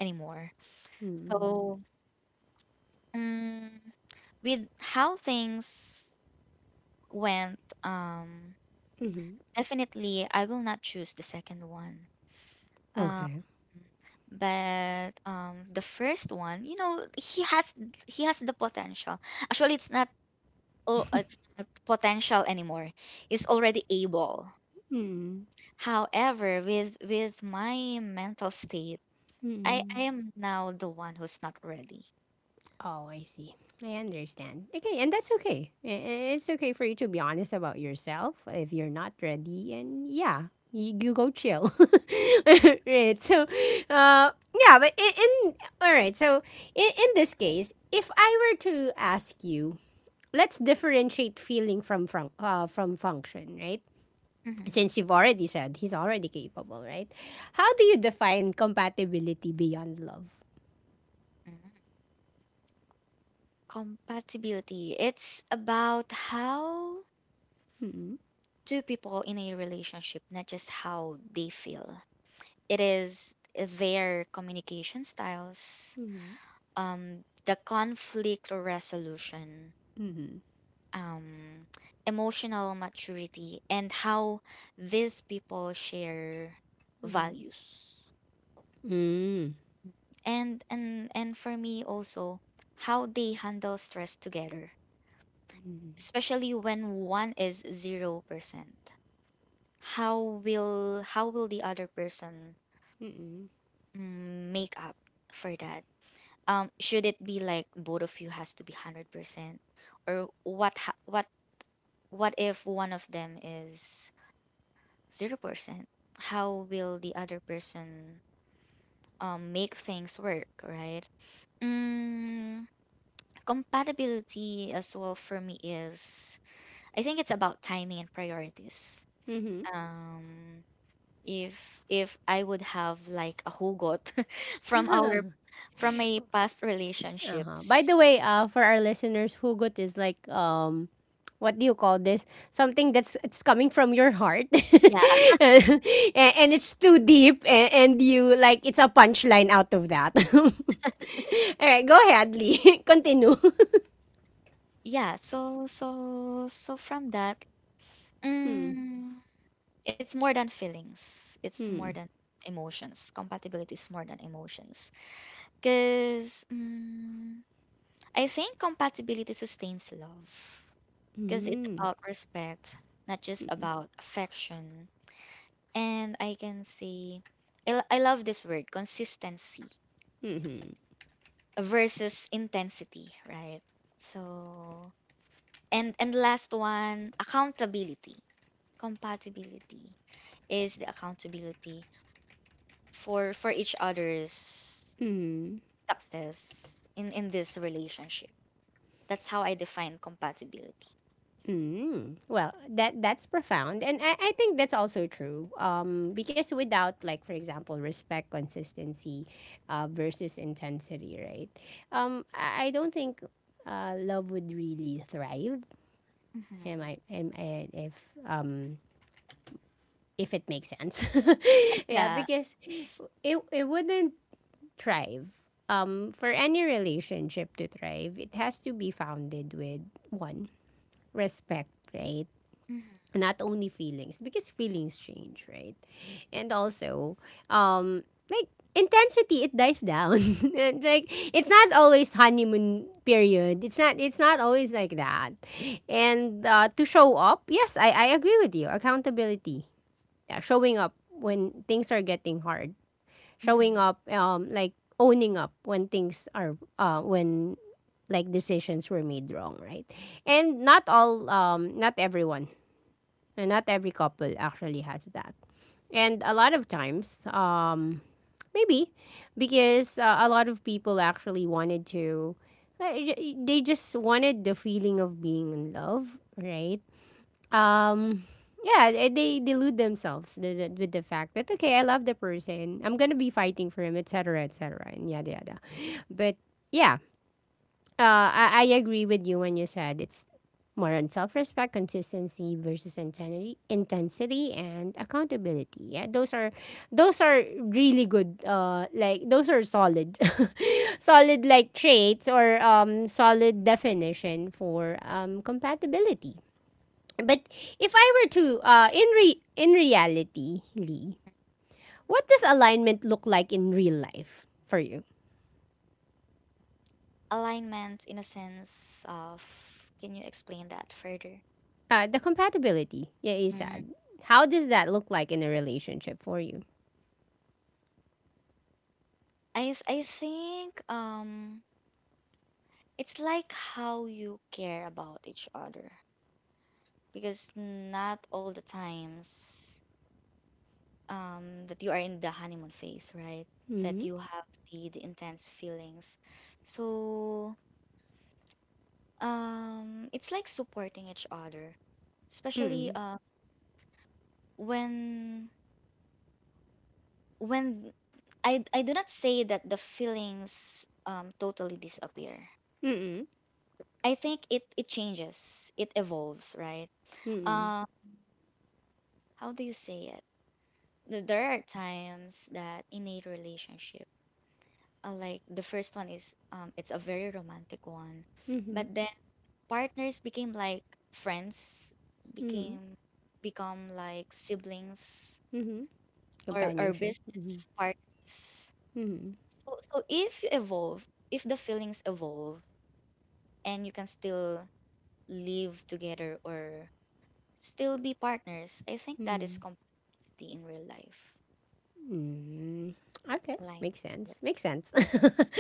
[SPEAKER 2] anymore.
[SPEAKER 1] Mm-hmm.
[SPEAKER 2] So um, with how things went,
[SPEAKER 1] Mhm.
[SPEAKER 2] definitely I will not choose the second one. Um,
[SPEAKER 1] Okay.
[SPEAKER 2] but the first one, you know, he has the potential. Actually, it's not, oh, it's not potential anymore. He's already able.
[SPEAKER 1] Mm.
[SPEAKER 2] However, with my mental state, I
[SPEAKER 1] Mm.
[SPEAKER 2] am now the one who's not ready.
[SPEAKER 1] Oh, I see. I understand. Okay, and that's okay. It's okay for you to be honest about yourself if you're not ready. And yeah, you go chill. <laughs> Right. So, yeah, but in all right. So, in this case, if I were to ask you, let's differentiate feeling from function, right?
[SPEAKER 2] Mhm,
[SPEAKER 1] Since you've already said he's already capable, right? How do you define compatibility beyond love?
[SPEAKER 2] mhm. Compatibility. It's about how
[SPEAKER 1] Mm-mm.
[SPEAKER 2] two people in a relationship, not just how they feel. It is their communication styles,
[SPEAKER 1] Mhm.
[SPEAKER 2] the conflict resolution,
[SPEAKER 1] Mm-hmm.
[SPEAKER 2] um, emotional maturity, and how these people share
[SPEAKER 1] Mhm.
[SPEAKER 2] values.
[SPEAKER 1] Mm.
[SPEAKER 2] And for me also, how they handle stress together,
[SPEAKER 1] Mm-hmm.
[SPEAKER 2] especially when one is 0%. How how will the other person,
[SPEAKER 1] Mm-mm.
[SPEAKER 2] make up for that? Should it be like both of you has to be 100%, or what? What? What if one of them is 0%? How will the other person make things work, right? Mm, compatibility as well for me is, I think it's about timing and priorities.
[SPEAKER 1] Mhm.
[SPEAKER 2] Um, if I would have like a hugot <laughs> from our from my past
[SPEAKER 1] Uh-huh. By
[SPEAKER 2] relationships.
[SPEAKER 1] the way, for our listeners, hugot is like what do you call this? Something that's it's coming from your heart,
[SPEAKER 2] Yeah,
[SPEAKER 1] <laughs> and, and it's too deep, and you like it's a punchline out of that. <laughs> All right, go ahead, Lee. <laughs> Continue. <laughs>
[SPEAKER 2] yeah. So so so from that,
[SPEAKER 1] Hmm.
[SPEAKER 2] mm, it's more than feelings. It's more
[SPEAKER 1] Hmm.
[SPEAKER 2] than emotions. Compatibility is more than emotions. Cause mm, I think compatibility sustains love. Cause it's
[SPEAKER 1] Hmm.
[SPEAKER 2] about respect, not just about affection. And I can say, I, I love this word, consistency
[SPEAKER 1] Hmm.
[SPEAKER 2] versus intensity, right? So and last one, accountability. Compatibility is the accountability for each other's
[SPEAKER 1] Hmm.
[SPEAKER 2] success in this relationship. That's how I define compatibility.
[SPEAKER 1] Mm. Well, that's profound, and I think that's also true. Because without, like for example, respect, consistency, versus intensity, right? I don't think love would really thrive. Am
[SPEAKER 2] Hmm,
[SPEAKER 1] I? Am I um if it makes sense? <laughs> Yeah,
[SPEAKER 2] yeah,
[SPEAKER 1] because it wouldn't thrive. For any relationship to thrive, it has to be founded with one, respect, right?
[SPEAKER 2] hmm,
[SPEAKER 1] Not only feelings, because feelings change, right? And also um like intensity, it dies down. <laughs> And, like it's not always honeymoon period, it's not always like that. And to show up, yes, I agree with you, accountability, yeah, showing up when things are getting hard, showing
[SPEAKER 2] hmm.
[SPEAKER 1] up like owning up when things are when like decisions were made wrong, right? And not everyone, and not every couple actually has that. And a lot of times, maybe because a lot of people actually wanted to, they just wanted the feeling of being in love, right? Um, yeah, they delude themselves with the fact that okay, I love the person, I'm gonna be fighting for him, etc., etc., and yada yada. But yeah, I agree with you when you said it's more on self-respect, consistency versus intensity, and accountability. Yeah, those are really good. Like those are solid, <laughs> solid like traits or solid definition for compatibility. But if I were to in reality, Lee, what does alignment look like in real life for you?
[SPEAKER 2] Alignment in a sense of, can you explain that further?
[SPEAKER 1] The compatibility, yeah, you
[SPEAKER 2] Mm.
[SPEAKER 1] said. How does that look like in a relationship for you?
[SPEAKER 2] I think it's like how you care about each other, because not all the times, that you are in the honeymoon phase, right? That
[SPEAKER 1] Mm-hmm.
[SPEAKER 2] you have the intense feelings. So it's like supporting each other, especially
[SPEAKER 1] Mm-mm.
[SPEAKER 2] when when I do not say that the feelings, totally disappear.
[SPEAKER 1] Mm-mm.
[SPEAKER 2] I think it it changes, it evolves, right?
[SPEAKER 1] Mm-mm.
[SPEAKER 2] Uh, how do you say it? There are times that in a relationship, like the first one is it's a very romantic one,
[SPEAKER 1] Mm-hmm.
[SPEAKER 2] but then partners became like friends,
[SPEAKER 1] Mm-hmm.
[SPEAKER 2] became become like siblings,
[SPEAKER 1] Mm-hmm.
[SPEAKER 2] or
[SPEAKER 1] Companionship. Mm-hmm.
[SPEAKER 2] business partners.
[SPEAKER 1] Mm-hmm.
[SPEAKER 2] So so if you evolve, if the feelings evolve, and you can still live together, or still be partners, I think that
[SPEAKER 1] Mm-hmm.
[SPEAKER 2] is compatibility in real life.
[SPEAKER 1] Mm, okay,
[SPEAKER 2] Like,
[SPEAKER 1] makes sense. Makes sense. <laughs>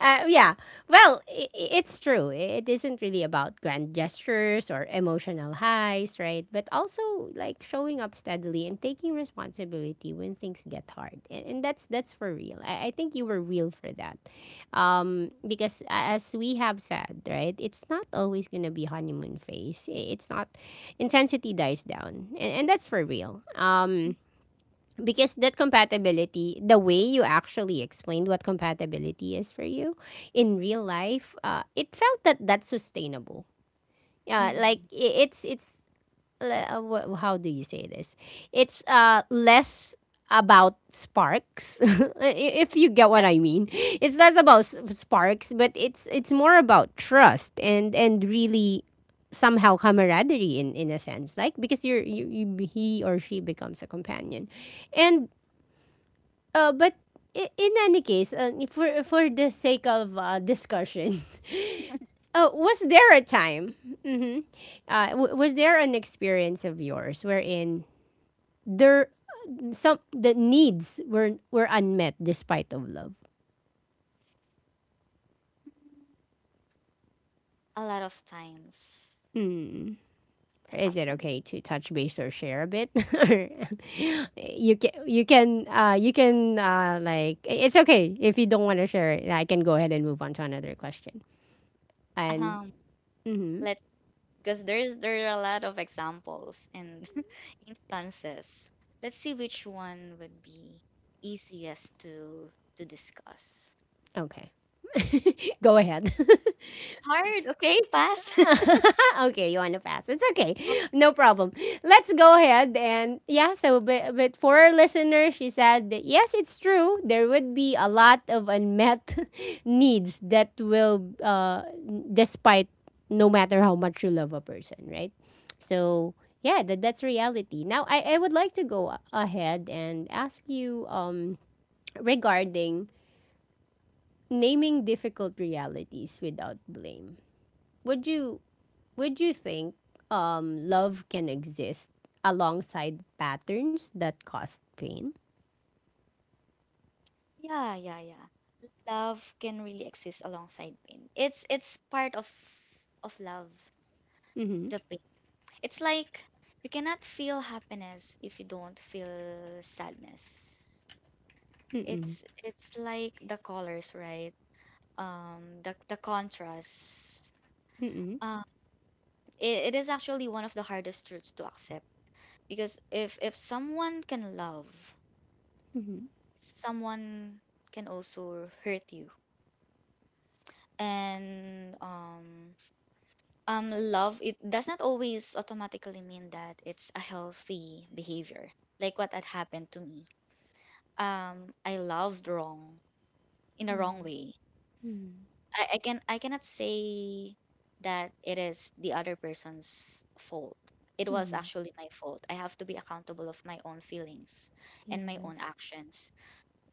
[SPEAKER 1] yeah. Well, it's true. It isn't really about grand gestures or emotional highs, right? But also like showing up steadily and taking responsibility when things get hard, and that's for real. I think you were real for that, because as we have said, right, it's not always gonna be honeymoon phase. It's not intensity dies down, and that's for real. Um,
[SPEAKER 2] mm-hmm,
[SPEAKER 1] because that compatibility, the way you actually explained what compatibility is for you in real life, it felt that that's sustainable. Yeah, like
[SPEAKER 2] mm-hmm,
[SPEAKER 1] it's how do you say this? It's less about sparks <laughs> if you get what
[SPEAKER 2] yeah.
[SPEAKER 1] I mean, it's less about sparks, but it's more about trust and really somehow camaraderie in a sense, like because you he or she becomes a companion and but in any case, for the sake of discussion, <laughs> was there a time? Hmm was there an experience of yours wherein there some the needs were unmet despite of love?
[SPEAKER 2] Mm, a lot of times
[SPEAKER 1] Mm.
[SPEAKER 2] it
[SPEAKER 1] Is it
[SPEAKER 2] happens.
[SPEAKER 1] okay to touch base or share a bit? <laughs> Or you can like it's okay if you don't want to share it. I can go ahead and move on to another question. And
[SPEAKER 2] um
[SPEAKER 1] mhm.
[SPEAKER 2] let's, because there's there are a lot of examples and <laughs> instances. Let's see which one would be easiest to discuss.
[SPEAKER 1] Okay. <laughs> go ahead.
[SPEAKER 2] Hard, okay, pass. <laughs>
[SPEAKER 1] <laughs> okay, you want to pass. It's okay. No problem. Let's go ahead and yeah, so but for our listeners, she said that yes, it's true. There would be a lot of unmet <laughs> needs that will despite no matter how much you love a person, right? So yeah, that, that's reality. Now I would like to go ahead and ask you regarding naming difficult realities without blame. Would you, would you think love can exist alongside patterns that cause pain?
[SPEAKER 2] yeah, yeah, yeah. Love can really exist alongside pain. It's part of love,
[SPEAKER 1] Mm-hmm.
[SPEAKER 2] the pain. It's like you cannot feel happiness if you don't feel sadness.
[SPEAKER 1] Mm-mm.
[SPEAKER 2] It's like the colors, right? The contrast,
[SPEAKER 1] Mm-mm.
[SPEAKER 2] it is actually one of the hardest truths to accept, because if someone can love,
[SPEAKER 1] Mm-hmm.
[SPEAKER 2] someone can also hurt you. And love, it does not always automatically mean that it's a healthy behavior, like what had happened to me. I loved wrong, in a wrong
[SPEAKER 1] Mm-hmm.
[SPEAKER 2] way. I can I cannot say that it is the other person's fault. It was
[SPEAKER 1] Mm-hmm.
[SPEAKER 2] actually my fault. I have to be accountable of my own feelings and my
[SPEAKER 1] Yes.
[SPEAKER 2] own actions.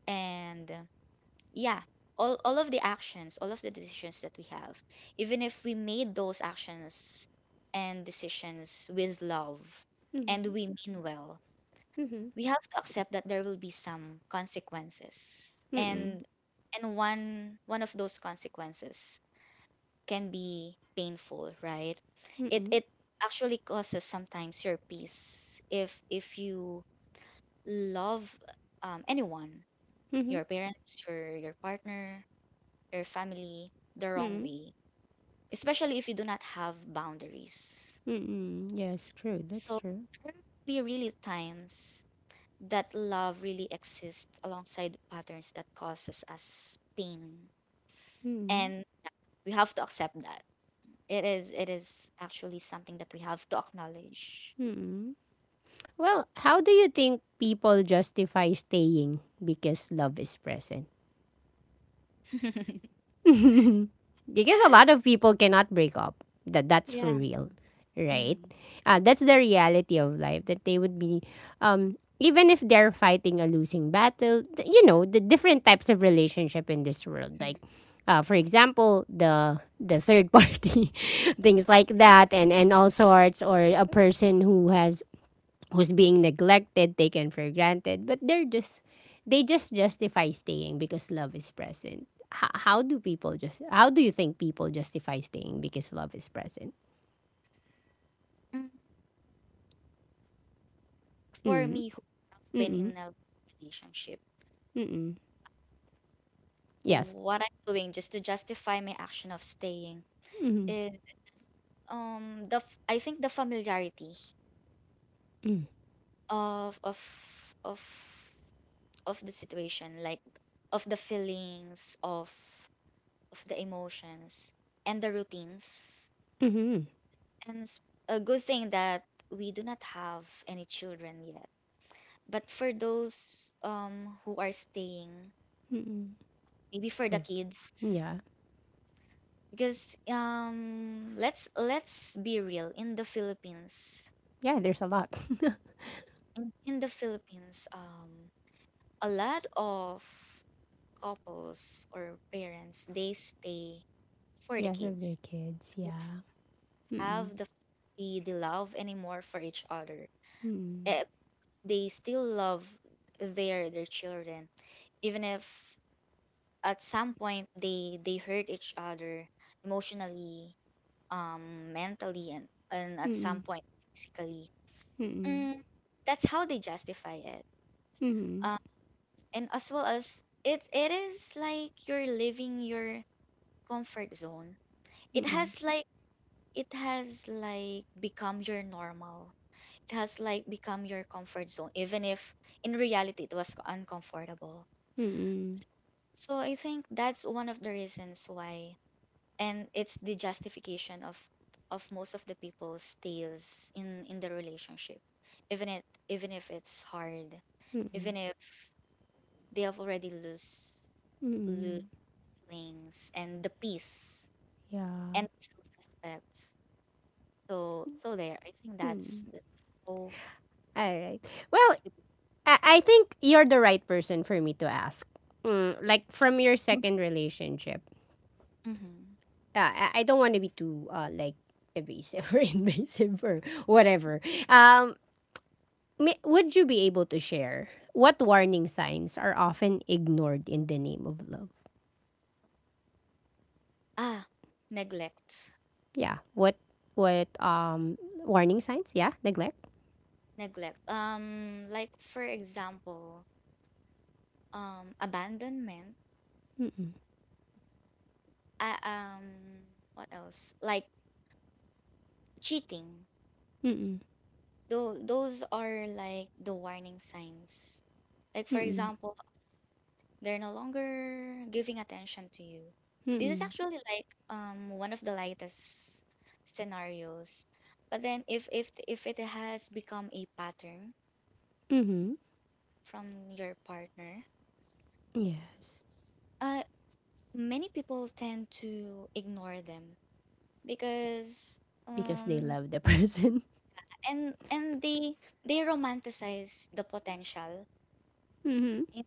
[SPEAKER 2] And yeah, all of the actions, all of the decisions that we have, even if we made those actions and decisions with love and
[SPEAKER 1] Mm-hmm.
[SPEAKER 2] we mean well,
[SPEAKER 1] Mm-hmm.
[SPEAKER 2] we have to accept that there will be some consequences.
[SPEAKER 1] Mm-mm.
[SPEAKER 2] And and one of those consequences can be painful, right? It
[SPEAKER 1] Mm-mm.
[SPEAKER 2] it actually causes sometimes your peace if you love, anyone,
[SPEAKER 1] Mm-hmm.
[SPEAKER 2] your parents, your partner, your family, the wrong
[SPEAKER 1] Mm-mm.
[SPEAKER 2] way, especially if you do not have boundaries.
[SPEAKER 1] Mm-mm.
[SPEAKER 2] So,
[SPEAKER 1] Yes, true. That's
[SPEAKER 2] so
[SPEAKER 1] true.
[SPEAKER 2] there will be really times that love really exists alongside patterns that causes us pain,
[SPEAKER 1] Mm-mm.
[SPEAKER 2] and we have to accept that. It is actually something that we have to acknowledge.
[SPEAKER 1] Mm-mm. Well, how do you think people justify staying because love is present?
[SPEAKER 2] <laughs>
[SPEAKER 1] <laughs> because a lot of people cannot break up. That that's for
[SPEAKER 2] yeah.
[SPEAKER 1] real, right?
[SPEAKER 2] Mhm.
[SPEAKER 1] That's the reality of life that they would be, even if they're fighting a losing battle. Th- You know the different types of relationship in this world,
[SPEAKER 2] Mhm.
[SPEAKER 1] like. For example, the third party, <laughs> things like that, and all sorts, or a person who has who's being neglected, taken for granted, but they just justify staying because love is present. How do people just how do you think people justify staying because love is present?
[SPEAKER 2] Mm, for
[SPEAKER 1] Mm.
[SPEAKER 2] me, who have been in
[SPEAKER 1] Mm.
[SPEAKER 2] a relationship,
[SPEAKER 1] Mm. Yes.
[SPEAKER 2] what I'm doing just to justify my action of staying
[SPEAKER 1] Mm.
[SPEAKER 2] is I think the familiarity
[SPEAKER 1] Mm.
[SPEAKER 2] of of of the situation, like of the feelings, of the emotions and the routines.
[SPEAKER 1] Mm.
[SPEAKER 2] And it's a good thing that we do not have any children yet. But for those who are staying,
[SPEAKER 1] Mm.
[SPEAKER 2] maybe for the
[SPEAKER 1] For,
[SPEAKER 2] kids,
[SPEAKER 1] yeah.
[SPEAKER 2] because let's be real, in the Philippines.
[SPEAKER 1] Yeah, there's a lot.
[SPEAKER 2] In the Philippines, um, a lot of couples or parents, they stay
[SPEAKER 1] <laughs>
[SPEAKER 2] for the
[SPEAKER 1] because of
[SPEAKER 2] kids.
[SPEAKER 1] their kids,
[SPEAKER 2] They
[SPEAKER 1] yeah. Mm.
[SPEAKER 2] have the the love anymore for each other.
[SPEAKER 1] Mm.
[SPEAKER 2] Eh, they still love their children, even if at some point they hurt each other emotionally, mentally, and at some
[SPEAKER 1] Mm.
[SPEAKER 2] point physically.
[SPEAKER 1] Mm.
[SPEAKER 2] Mm, that's how they justify it.
[SPEAKER 1] Mm.
[SPEAKER 2] Um, and as well as, it is like you're leaving your comfort zone. It
[SPEAKER 1] Mm.
[SPEAKER 2] has like, it has become your normal, it has like become your comfort zone, even if in reality it was uncomfortable.
[SPEAKER 1] Mm.
[SPEAKER 2] So I think that's one of the reasons why, and it's the justification of most of the people's tales in the relationship, even it even if it's hard,
[SPEAKER 1] Mm.
[SPEAKER 2] even if they have already lose
[SPEAKER 1] Mm.
[SPEAKER 2] things, and the peace
[SPEAKER 1] Yeah.
[SPEAKER 2] and self respect. So so there, I think
[SPEAKER 1] Mm.
[SPEAKER 2] that's how.
[SPEAKER 1] All right. Well, I think you're the right person for me to ask. Mm, like from your second relationship,
[SPEAKER 2] Hmm.
[SPEAKER 1] I don't want to be too like evasive <laughs> or invasive or whatever. Um, may, would you be able to share what warning signs are often ignored in the name of love?
[SPEAKER 2] Ah, neglect.
[SPEAKER 1] Yeah, what what um warning signs? Yeah, neglect.
[SPEAKER 2] Neglect. Like for example, abandonment,
[SPEAKER 1] Mm-mm,
[SPEAKER 2] uh, um what else, like cheating.
[SPEAKER 1] mm-mm,
[SPEAKER 2] Those are like the warning signs, like for
[SPEAKER 1] mm-mm,
[SPEAKER 2] example they're no longer giving attention to you. This is
[SPEAKER 1] mm-mm,
[SPEAKER 2] actually like one of the lightest scenarios, but then if it has become a pattern
[SPEAKER 1] mm-hmm.
[SPEAKER 2] from your partner,
[SPEAKER 1] Yes,
[SPEAKER 2] uh many people tend to ignore them because
[SPEAKER 1] because they
[SPEAKER 2] um
[SPEAKER 1] love the person. <laughs>
[SPEAKER 2] and they romanticize the potential
[SPEAKER 1] Mm-hmm.
[SPEAKER 2] in,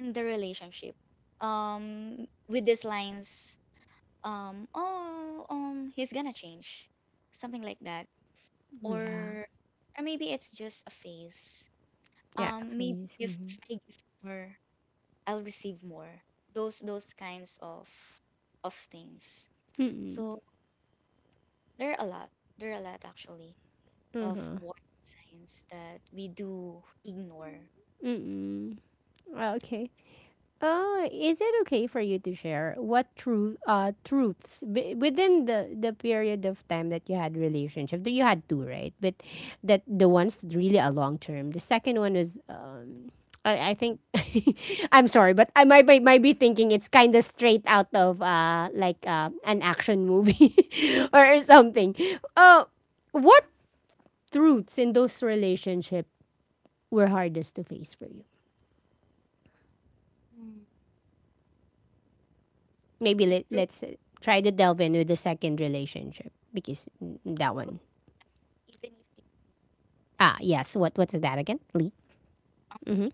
[SPEAKER 2] in the relationship with these lines, oh, he's gonna change, something like that.
[SPEAKER 1] Yeah,
[SPEAKER 2] or or maybe it's just a phase.
[SPEAKER 1] yeah, for
[SPEAKER 2] Maybe
[SPEAKER 1] you.
[SPEAKER 2] if
[SPEAKER 1] Mm-hmm.
[SPEAKER 2] I give more, I'll receive more, those kinds of things.
[SPEAKER 1] Mm.
[SPEAKER 2] So there are a lot there are a lot actually of
[SPEAKER 1] Uh-huh.
[SPEAKER 2] warning signs that we do ignore.
[SPEAKER 1] Mm. Okay. Is it okay for you to share what truths within the period of time that you had relationship? Though you had two, right? But that the ones that really a long term. The second one is I think <laughs> I'm sorry, but I might be thinking it's kind of straight out of like an action movie <laughs> or something. Uh, what truths in those relationships were hardest to face for you?
[SPEAKER 2] Mm.
[SPEAKER 1] Maybe
[SPEAKER 2] The truth,
[SPEAKER 1] let's try to delve in with the second relationship because mm,
[SPEAKER 2] the
[SPEAKER 1] that one.
[SPEAKER 2] truth even if
[SPEAKER 1] Ah, yes. What is that again? Lee? Mm-hmm.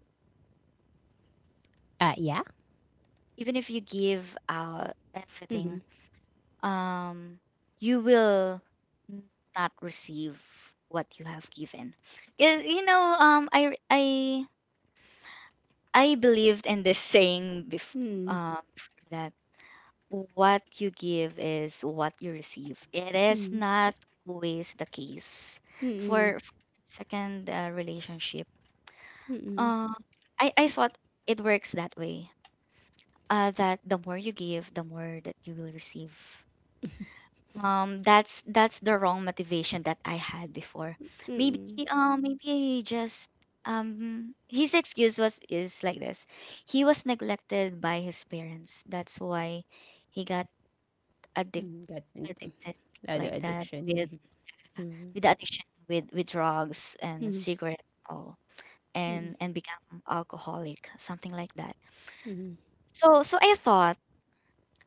[SPEAKER 1] Yeah?
[SPEAKER 2] you give out
[SPEAKER 1] Mm-hmm.
[SPEAKER 2] everything, um you will n- not receive what you have given. 'Cause, you know, I believed in this saying before,
[SPEAKER 1] Mm-hmm.
[SPEAKER 2] before, that what you give is what you receive. It is not always the case.
[SPEAKER 1] Mm-hmm.
[SPEAKER 2] For second, relationship, uh I thought it works that way, uh, that the more you give, the more that you will receive. That's the wrong motivation that I had before. Maybe,
[SPEAKER 1] Mm-hmm.
[SPEAKER 2] maybe he just, his excuse was is like this: he was neglected by his parents, that's why he got addic-
[SPEAKER 1] Mm, got into
[SPEAKER 2] addicted,
[SPEAKER 1] other
[SPEAKER 2] like that, with
[SPEAKER 1] addiction. Mhm.
[SPEAKER 2] the addiction with drugs and
[SPEAKER 1] Mhm.
[SPEAKER 2] cigarettes all,
[SPEAKER 1] Mhm.
[SPEAKER 2] and become alcoholic, something like that.
[SPEAKER 1] Mhm.
[SPEAKER 2] So I thought,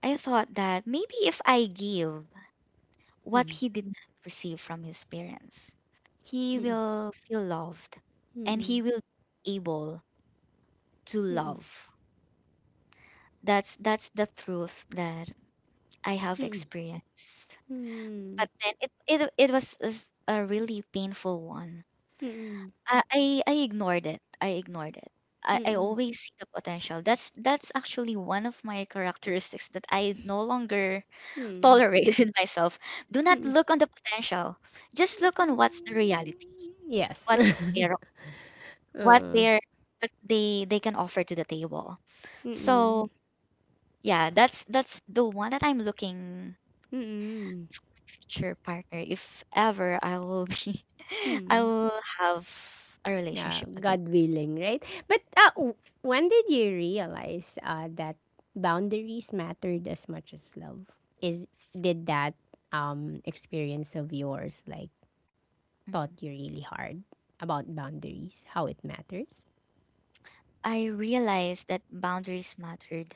[SPEAKER 2] I thought that maybe if I give what
[SPEAKER 1] Mhm.
[SPEAKER 2] he did not receive from his parents, he
[SPEAKER 1] Mhm.
[SPEAKER 2] will feel loved,
[SPEAKER 1] Mhm.
[SPEAKER 2] and
[SPEAKER 1] Mhm.
[SPEAKER 2] he will be able to
[SPEAKER 1] Mhm.
[SPEAKER 2] love. That's the truth that I have
[SPEAKER 1] Mhm.
[SPEAKER 2] experienced. But then it was a really painful one.
[SPEAKER 1] Mhm.
[SPEAKER 2] I ignored it. I ignored it. I
[SPEAKER 1] Mhm.
[SPEAKER 2] always see the potential. That's actually one of my characteristics that I no longer <laughs>
[SPEAKER 1] Mhm.
[SPEAKER 2] tolerate in myself. Do not
[SPEAKER 1] Mhm.
[SPEAKER 2] look on the potential. Just look on what's the reality,
[SPEAKER 1] Yes.
[SPEAKER 2] what's their,
[SPEAKER 1] <laughs>
[SPEAKER 2] what
[SPEAKER 1] Uh,
[SPEAKER 2] their what they can offer to the table.
[SPEAKER 1] mm-mm. Mm-mm.
[SPEAKER 2] So yeah, that's the one that I'm looking
[SPEAKER 1] mm mm
[SPEAKER 2] future partner if ever I will be <laughs> I
[SPEAKER 1] hmm
[SPEAKER 2] will have a
[SPEAKER 1] Yeah,
[SPEAKER 2] relationship again.
[SPEAKER 1] God willing, right? But when did you realize that boundaries mattered as much as love? Is did that experience of yours like taught
[SPEAKER 2] Mhm.
[SPEAKER 1] you really hard about boundaries, how it matters?
[SPEAKER 2] I realized that boundaries mattered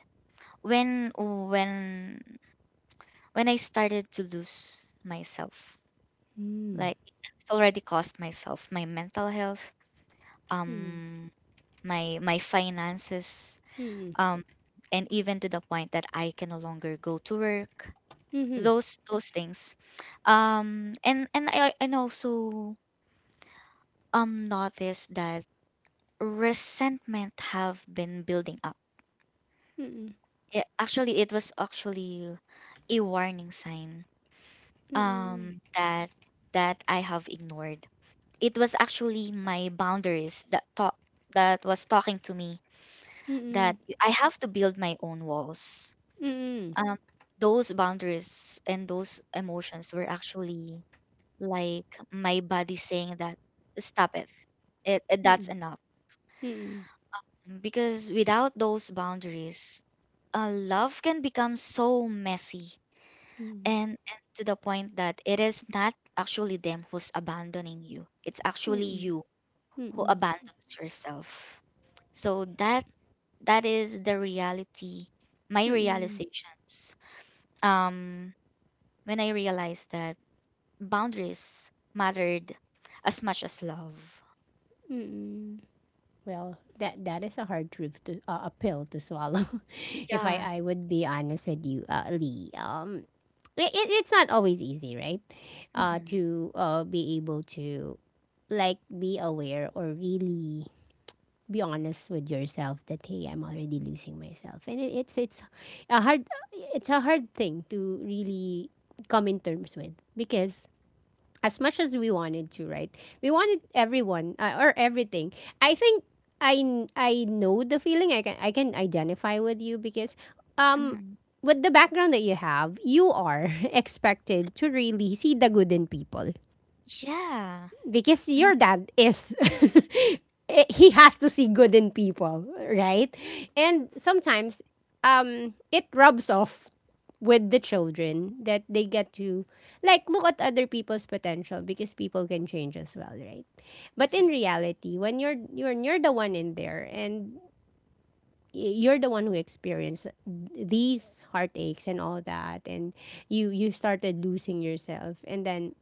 [SPEAKER 2] when I started to lose myself.
[SPEAKER 1] Mm.
[SPEAKER 2] Like, it's already cost myself my mental health,
[SPEAKER 1] Mm.
[SPEAKER 2] um my finances,
[SPEAKER 1] Mm.
[SPEAKER 2] um, and even to the point that I can no longer go to work.
[SPEAKER 1] Mm.
[SPEAKER 2] Those things, and I, and also, noticed that resentment have been building up.
[SPEAKER 1] Mm.
[SPEAKER 2] It was actually a warning sign
[SPEAKER 1] Mm.
[SPEAKER 2] that I have ignored. It was actually my boundaries that thought, that was talking to me, that
[SPEAKER 1] Mm.
[SPEAKER 2] I have to build my own walls,
[SPEAKER 1] Mm. Mm.
[SPEAKER 2] um, those boundaries and those emotions were actually like my body saying that stop it,
[SPEAKER 1] Mm.
[SPEAKER 2] that's
[SPEAKER 1] Mm.
[SPEAKER 2] enough.
[SPEAKER 1] Mm. Mm.
[SPEAKER 2] Because without those boundaries, love can become so messy, and to the point that it is not actually them who's abandoning you, it's actually
[SPEAKER 1] Mm.
[SPEAKER 2] you
[SPEAKER 1] Mm.
[SPEAKER 2] who
[SPEAKER 1] Mm.
[SPEAKER 2] abandons yourself. So that, that is the reality, my
[SPEAKER 1] Mm.
[SPEAKER 2] realizations, um, when I realized that boundaries mattered as much as love.
[SPEAKER 1] Mm. Well, that that is a hard truth to a pill to swallow. <laughs> If I
[SPEAKER 2] Yeah.
[SPEAKER 1] would be honest with you, Lee, it's not always easy, right?
[SPEAKER 2] Hmm.
[SPEAKER 1] To be able to like be aware or really be honest with yourself that hey, I'm already losing myself, and a hard it's a hard thing to really come in terms with, because as much as we wanted to, right? We wanted everyone or everything. I think I know the feeling. I can identify with you because um
[SPEAKER 2] Hmm.
[SPEAKER 1] with the background that you have, you are <laughs> expected to really see the good in people,
[SPEAKER 2] Yeah.
[SPEAKER 1] because
[SPEAKER 2] Hmm.
[SPEAKER 1] your dad is <laughs> he has to see good in people, right? And sometimes it rubs off with the children, that they get to like look at other people's potential, because people can change as well, right? But in reality, when you're the one in there and you're the one who experienced these heartaches and all that, and you started losing yourself, and then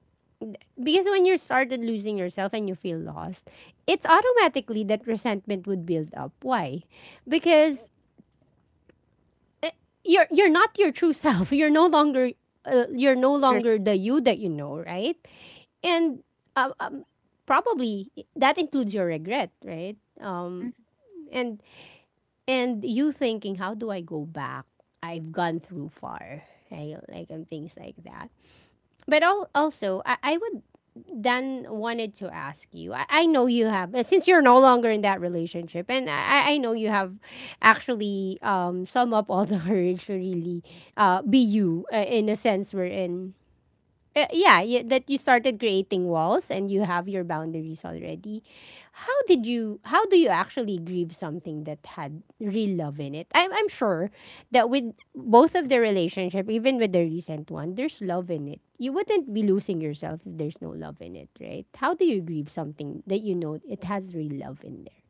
[SPEAKER 1] because when you started losing yourself and you feel lost, it's automatically that resentment would build up. Why? Because eh, you're not your true self. <laughs> You're no
[SPEAKER 2] There's
[SPEAKER 1] longer the you that you know, right? And um, um, probably that includes your regret, right?
[SPEAKER 2] mhm.
[SPEAKER 1] And and you thinking, how do I go back? I've gone through far, right? Like and things like that. But also, I would Dan wanted to ask you. I know you have since you're no longer in that relationship, and I know you have actually sum up all the <laughs> courage to really be you in a sense we're in. Yeah, you, that you started creating walls and you have your boundaries already. How did you? How do you actually grieve something that had real love in it? I'm sure that with both of the relationship, even with the recent one, there's love in it. You wouldn't be losing yourself if there's no love in it, right? How do you grieve something that you know it has real love in there?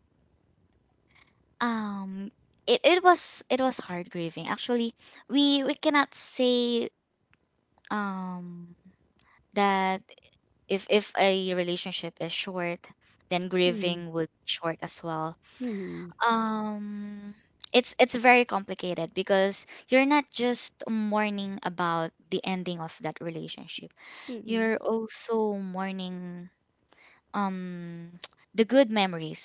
[SPEAKER 2] Um, it was hard grieving. Actually, we cannot say um that if a relationship is short, then
[SPEAKER 1] Mm.
[SPEAKER 2] grieving would be short as well.
[SPEAKER 1] Mm.
[SPEAKER 2] Um, it's very complicated because you're not just mourning about the ending of that relationship.
[SPEAKER 1] Mm.
[SPEAKER 2] You're also mourning, um, <tsk> the good memories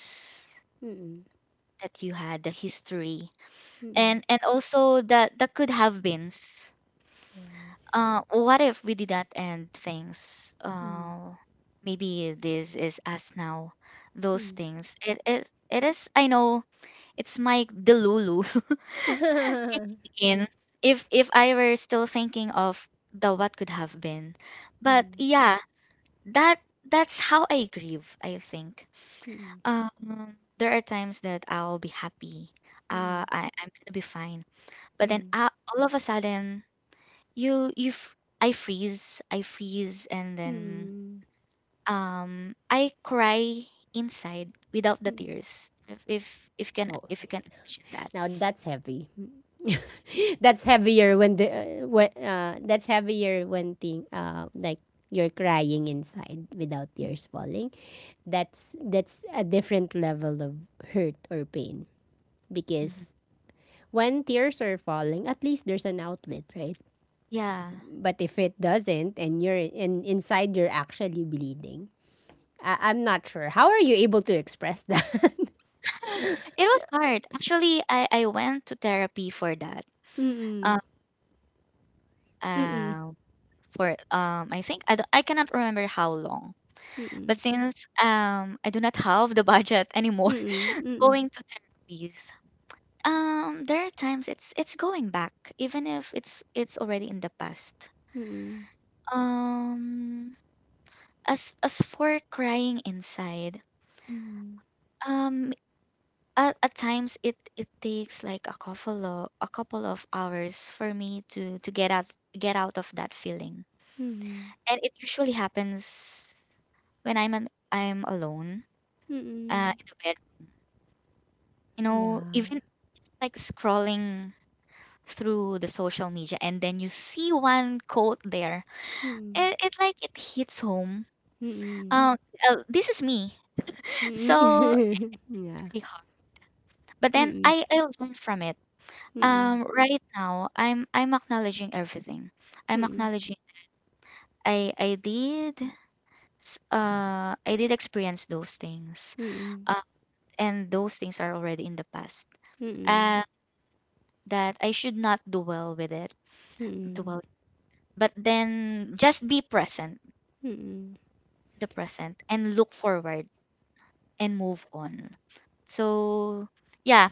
[SPEAKER 1] Mm.
[SPEAKER 2] that you had, the history,
[SPEAKER 1] Mm.
[SPEAKER 2] and also that, that could have beens.
[SPEAKER 1] Yes.
[SPEAKER 2] What if we did that and things?
[SPEAKER 1] Mm.
[SPEAKER 2] Maybe this is us now. Those
[SPEAKER 1] Mm.
[SPEAKER 2] things. It is. It is. I know. It's my delulu <laughs> kicking
[SPEAKER 1] <laughs>
[SPEAKER 2] in. If I were still thinking of the what could have been, but
[SPEAKER 1] Mm.
[SPEAKER 2] yeah, that that's how I grieve, I think.
[SPEAKER 1] Mm.
[SPEAKER 2] There are times that I'll be happy.
[SPEAKER 1] Mm.
[SPEAKER 2] I'm gonna be fine. But then,
[SPEAKER 1] Mm. <laughs>
[SPEAKER 2] all of a sudden, I freeze, and then,
[SPEAKER 1] Mm.
[SPEAKER 2] um, I cry inside without the
[SPEAKER 1] Mm.
[SPEAKER 2] tears. If can
[SPEAKER 1] Oh,
[SPEAKER 2] if you can imagine that.
[SPEAKER 1] now that's heavy. <laughs> That's heavier when the when that's heavier when thing like you're crying inside without tears falling. That's a different level of hurt or pain
[SPEAKER 2] Mhm.
[SPEAKER 1] because when tears are falling, at least there's an outlet, right?
[SPEAKER 2] Yeah.
[SPEAKER 1] But if it doesn't and inside you're actually bleeding, I'm not sure. How are you able to express that?
[SPEAKER 2] <laughs> It was hard. Actually, I went to therapy for that.
[SPEAKER 1] <laughs>
[SPEAKER 2] Um,
[SPEAKER 1] Mm-mm. Mm-mm.
[SPEAKER 2] uh, for, I think I cannot remember how long. But
[SPEAKER 1] Mm-mm.
[SPEAKER 2] since, um, I do not have the budget anymore,
[SPEAKER 1] Mm-mm.
[SPEAKER 2] <laughs>
[SPEAKER 1] Mm-mm.
[SPEAKER 2] going to therapies. There are times it's going back, even if it's already in the past.
[SPEAKER 1] Mm,
[SPEAKER 2] Um, as for crying inside,
[SPEAKER 1] mm,
[SPEAKER 2] um, at times it takes like a couple of hours for me to get out, of that feeling,
[SPEAKER 1] mm,
[SPEAKER 2] and it usually happens when I'm alone,
[SPEAKER 1] mm,
[SPEAKER 2] in the bedroom. You know,
[SPEAKER 1] yeah,
[SPEAKER 2] even like scrolling through the social media and then you see one quote there,
[SPEAKER 1] mm,
[SPEAKER 2] it like, it hits home,
[SPEAKER 1] mm,
[SPEAKER 2] um this is me. <laughs> So,
[SPEAKER 1] mm, <laughs> yeah,
[SPEAKER 2] really hard, but then
[SPEAKER 1] mm,
[SPEAKER 2] I learn from it.
[SPEAKER 1] mm,
[SPEAKER 2] Um, right now I'm acknowledging everything, I'm
[SPEAKER 1] mm, mm,
[SPEAKER 2] acknowledging I did I did experience those things,
[SPEAKER 1] mm,
[SPEAKER 2] uh, and those things are already in the past,
[SPEAKER 1] mm,
[SPEAKER 2] and that I should not dwell with it,
[SPEAKER 1] mm,
[SPEAKER 2] dwell but then just be present, the present, and look forward, and move on. So yeah,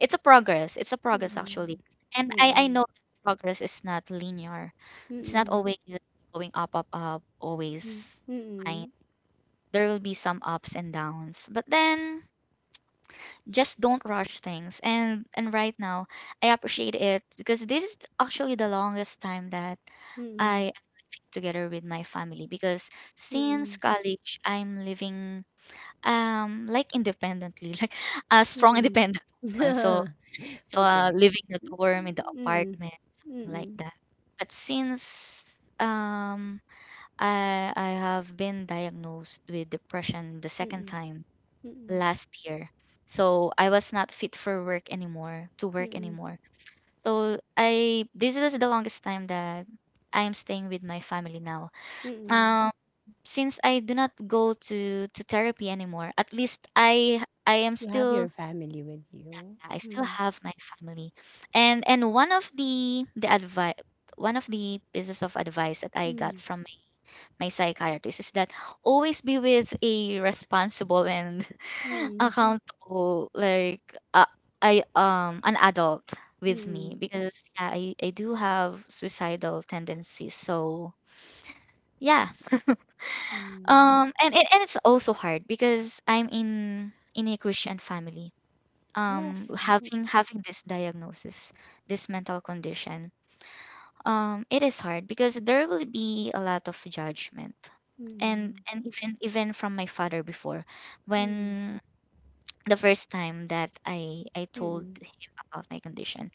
[SPEAKER 2] it's a progress. It's a progress actually. And I
[SPEAKER 1] mm.
[SPEAKER 2] know that progress is not linear. It's not always going up, up, up,
[SPEAKER 1] Mm,
[SPEAKER 2] always fine.
[SPEAKER 1] mm,
[SPEAKER 2] There will be some ups and downs. But then just don't rush things. And right now I appreciate it because this is actually the longest time that
[SPEAKER 1] mm, mm,
[SPEAKER 2] I am together with my family because since
[SPEAKER 1] mm,
[SPEAKER 2] college I'm living, um, like independently, <laughs> like a strong
[SPEAKER 1] mm,
[SPEAKER 2] independent woman. So,
[SPEAKER 1] mm. <laughs>
[SPEAKER 2] so
[SPEAKER 1] Okay.
[SPEAKER 2] living in the
[SPEAKER 1] Mm,
[SPEAKER 2] dorm, in the apartment, something like
[SPEAKER 1] mm,
[SPEAKER 2] that. But since, um, I have been diagnosed with depression the second
[SPEAKER 1] mm,
[SPEAKER 2] time
[SPEAKER 1] mm,
[SPEAKER 2] last year. So I was not fit for work anymore,
[SPEAKER 1] mm,
[SPEAKER 2] So I this was the longest time that I'm staying with my family now.
[SPEAKER 1] mm.
[SPEAKER 2] Um, since I do not go to therapy anymore, at least I am
[SPEAKER 1] You have
[SPEAKER 2] still,
[SPEAKER 1] your family with you.
[SPEAKER 2] I still
[SPEAKER 1] Mm,
[SPEAKER 2] have my family. And one of the pieces of advice that I got
[SPEAKER 1] mm,
[SPEAKER 2] from my, psychiatrist is that always be with a responsible and <laughs>
[SPEAKER 1] mm.
[SPEAKER 2] accountable, like uh, I an adult with me
[SPEAKER 1] Mm,
[SPEAKER 2] because yeah, I do have suicidal tendencies. So yeah,
[SPEAKER 1] mm.
[SPEAKER 2] and it's also hard because I'm in a Christian family,
[SPEAKER 1] Yes.
[SPEAKER 2] having this diagnosis, this mental condition, um, it is hard because there will be a lot of judgment, and
[SPEAKER 1] Mm,
[SPEAKER 2] even from my father before,
[SPEAKER 1] mm,
[SPEAKER 2] when the first time that I told
[SPEAKER 1] mm.
[SPEAKER 2] him about my condition,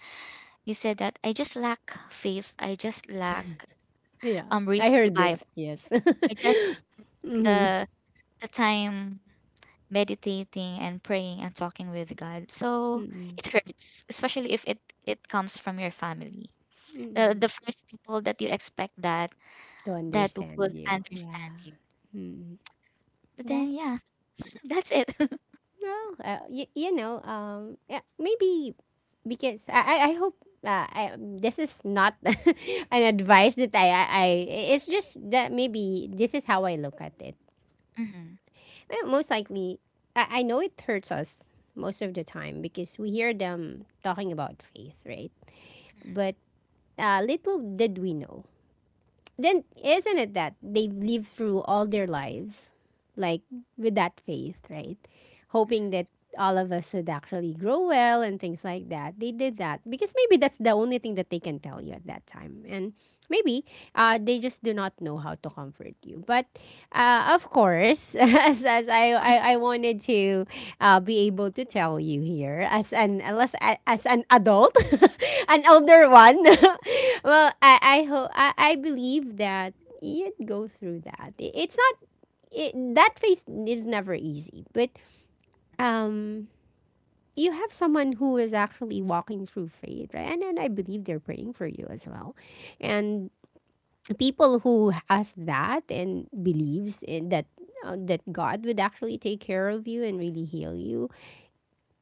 [SPEAKER 2] he said that I just lack faith, I just lack,
[SPEAKER 1] Yeah, I
[SPEAKER 2] reading the
[SPEAKER 1] heard
[SPEAKER 2] bible,
[SPEAKER 1] this. Yes.
[SPEAKER 2] I just
[SPEAKER 1] <laughs> Mm,
[SPEAKER 2] the the time meditating and praying and talking with God. So
[SPEAKER 1] mm,
[SPEAKER 2] it hurts, especially if it comes from your family. The
[SPEAKER 1] mm.
[SPEAKER 2] first people that you expect that
[SPEAKER 1] To understand
[SPEAKER 2] would
[SPEAKER 1] you. Yeah.
[SPEAKER 2] understand you.
[SPEAKER 1] Mm.
[SPEAKER 2] But
[SPEAKER 1] Yeah.
[SPEAKER 2] then yeah, <laughs> that's it. <laughs>
[SPEAKER 1] No. You know. Yeah, maybe because I. I hope. This is not <laughs> an advice that I. It's just that maybe this is how I look at it.
[SPEAKER 2] Hmm.
[SPEAKER 1] Most likely, I know it hurts us most of the time because we hear them talking about faith, right? But little did we know then, isn't it that they've lived through all their lives like with that faith, right, hoping that all of us would actually grow well and things like that? They did that because maybe that's the only thing that they can tell you at that time, and maybe they just do not know how to comfort you. But of course, <laughs> as I wanted to be able to tell you here as an unless as an adult, <laughs> an older one. <laughs> Well, I hope, I believe that you'd go through that. It's not that phase is never easy, but um, you have someone who is actually walking through faith, right? And then I believe they're praying for you as well, and people who has that and believes in that, that God would actually take care of you and really heal you.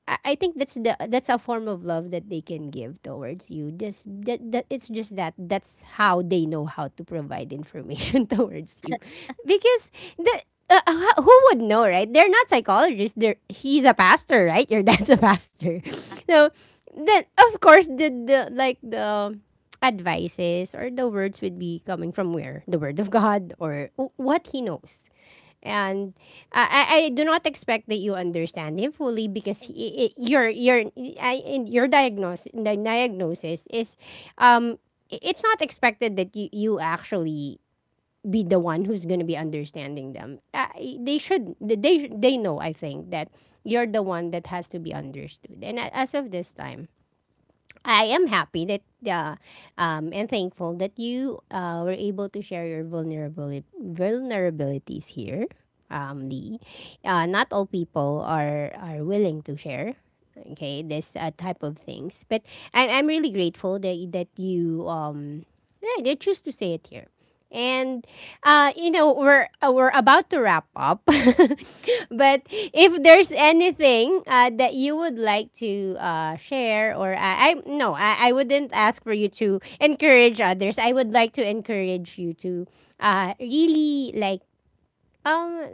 [SPEAKER 1] I think that's the that's a form of love that they can give towards you. Just that, that it's just that that's how they know how to provide information <laughs> towards you, because the who would know, right? They're not psychologists. They're He's a pastor, right? Your <laughs> dad's a pastor, <laughs> so then of course the advices or the words would be coming from where the word of God or what he knows. And I do not expect that you understand him fully because in your diagnosis the diagnosis is um it's not expected that you actually be the one who's going to be understanding them. They should, they know, I think, that you're the one that has to be understood. And as of this time, I am happy that uh, and thankful that you were able to share your vulnerabilities here, Lee. Not all people are willing to share. Okay, this type of things, but I'm really grateful that you yeah, they choose to say it here, and you know, we're about to wrap up. <laughs> But if there's anything that you would like to share, or I no, I wouldn't ask for you to encourage others. I would like to encourage you to really, like, um,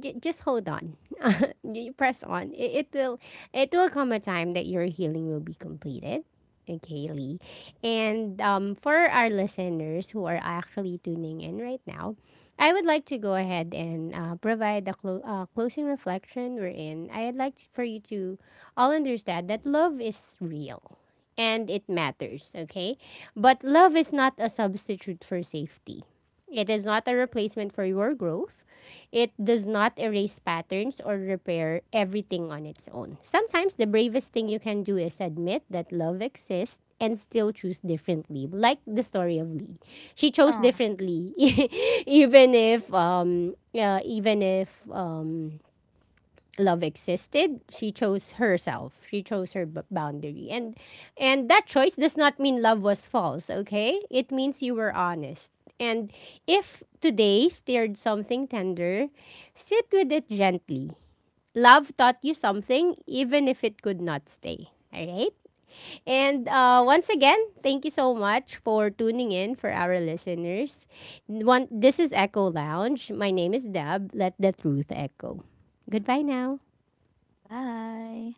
[SPEAKER 1] just hold on. <laughs> You press on. It will. It will come a time that your healing will be completed. Okay, Lee. And for our listeners who are actually tuning in right now, I would like to go ahead and provide a closing reflection, we're in. I'd like to, for you to all understand, that love is real and it matters, okay? But love is not a substitute for safety. It is not a replacement for your growth. It does not erase patterns or repair everything on its own. Sometimes the bravest thing you can do is admit that love exists and still choose differently. Like the story of Lee. She chose
[SPEAKER 2] Oh,
[SPEAKER 1] differently <laughs> even if yeah, even if love existed. She chose herself. She chose her boundary, and that choice does not mean love was false. Okay, it means you were honest. And if today stirred something tender, sit with it gently. Love taught you something, even if it could not stay. All right. And once again, thank you so much for tuning in, for our listeners. One, this is Echo Lounge. My name is Deb. Let the truth echo. Goodbye now.
[SPEAKER 2] bye.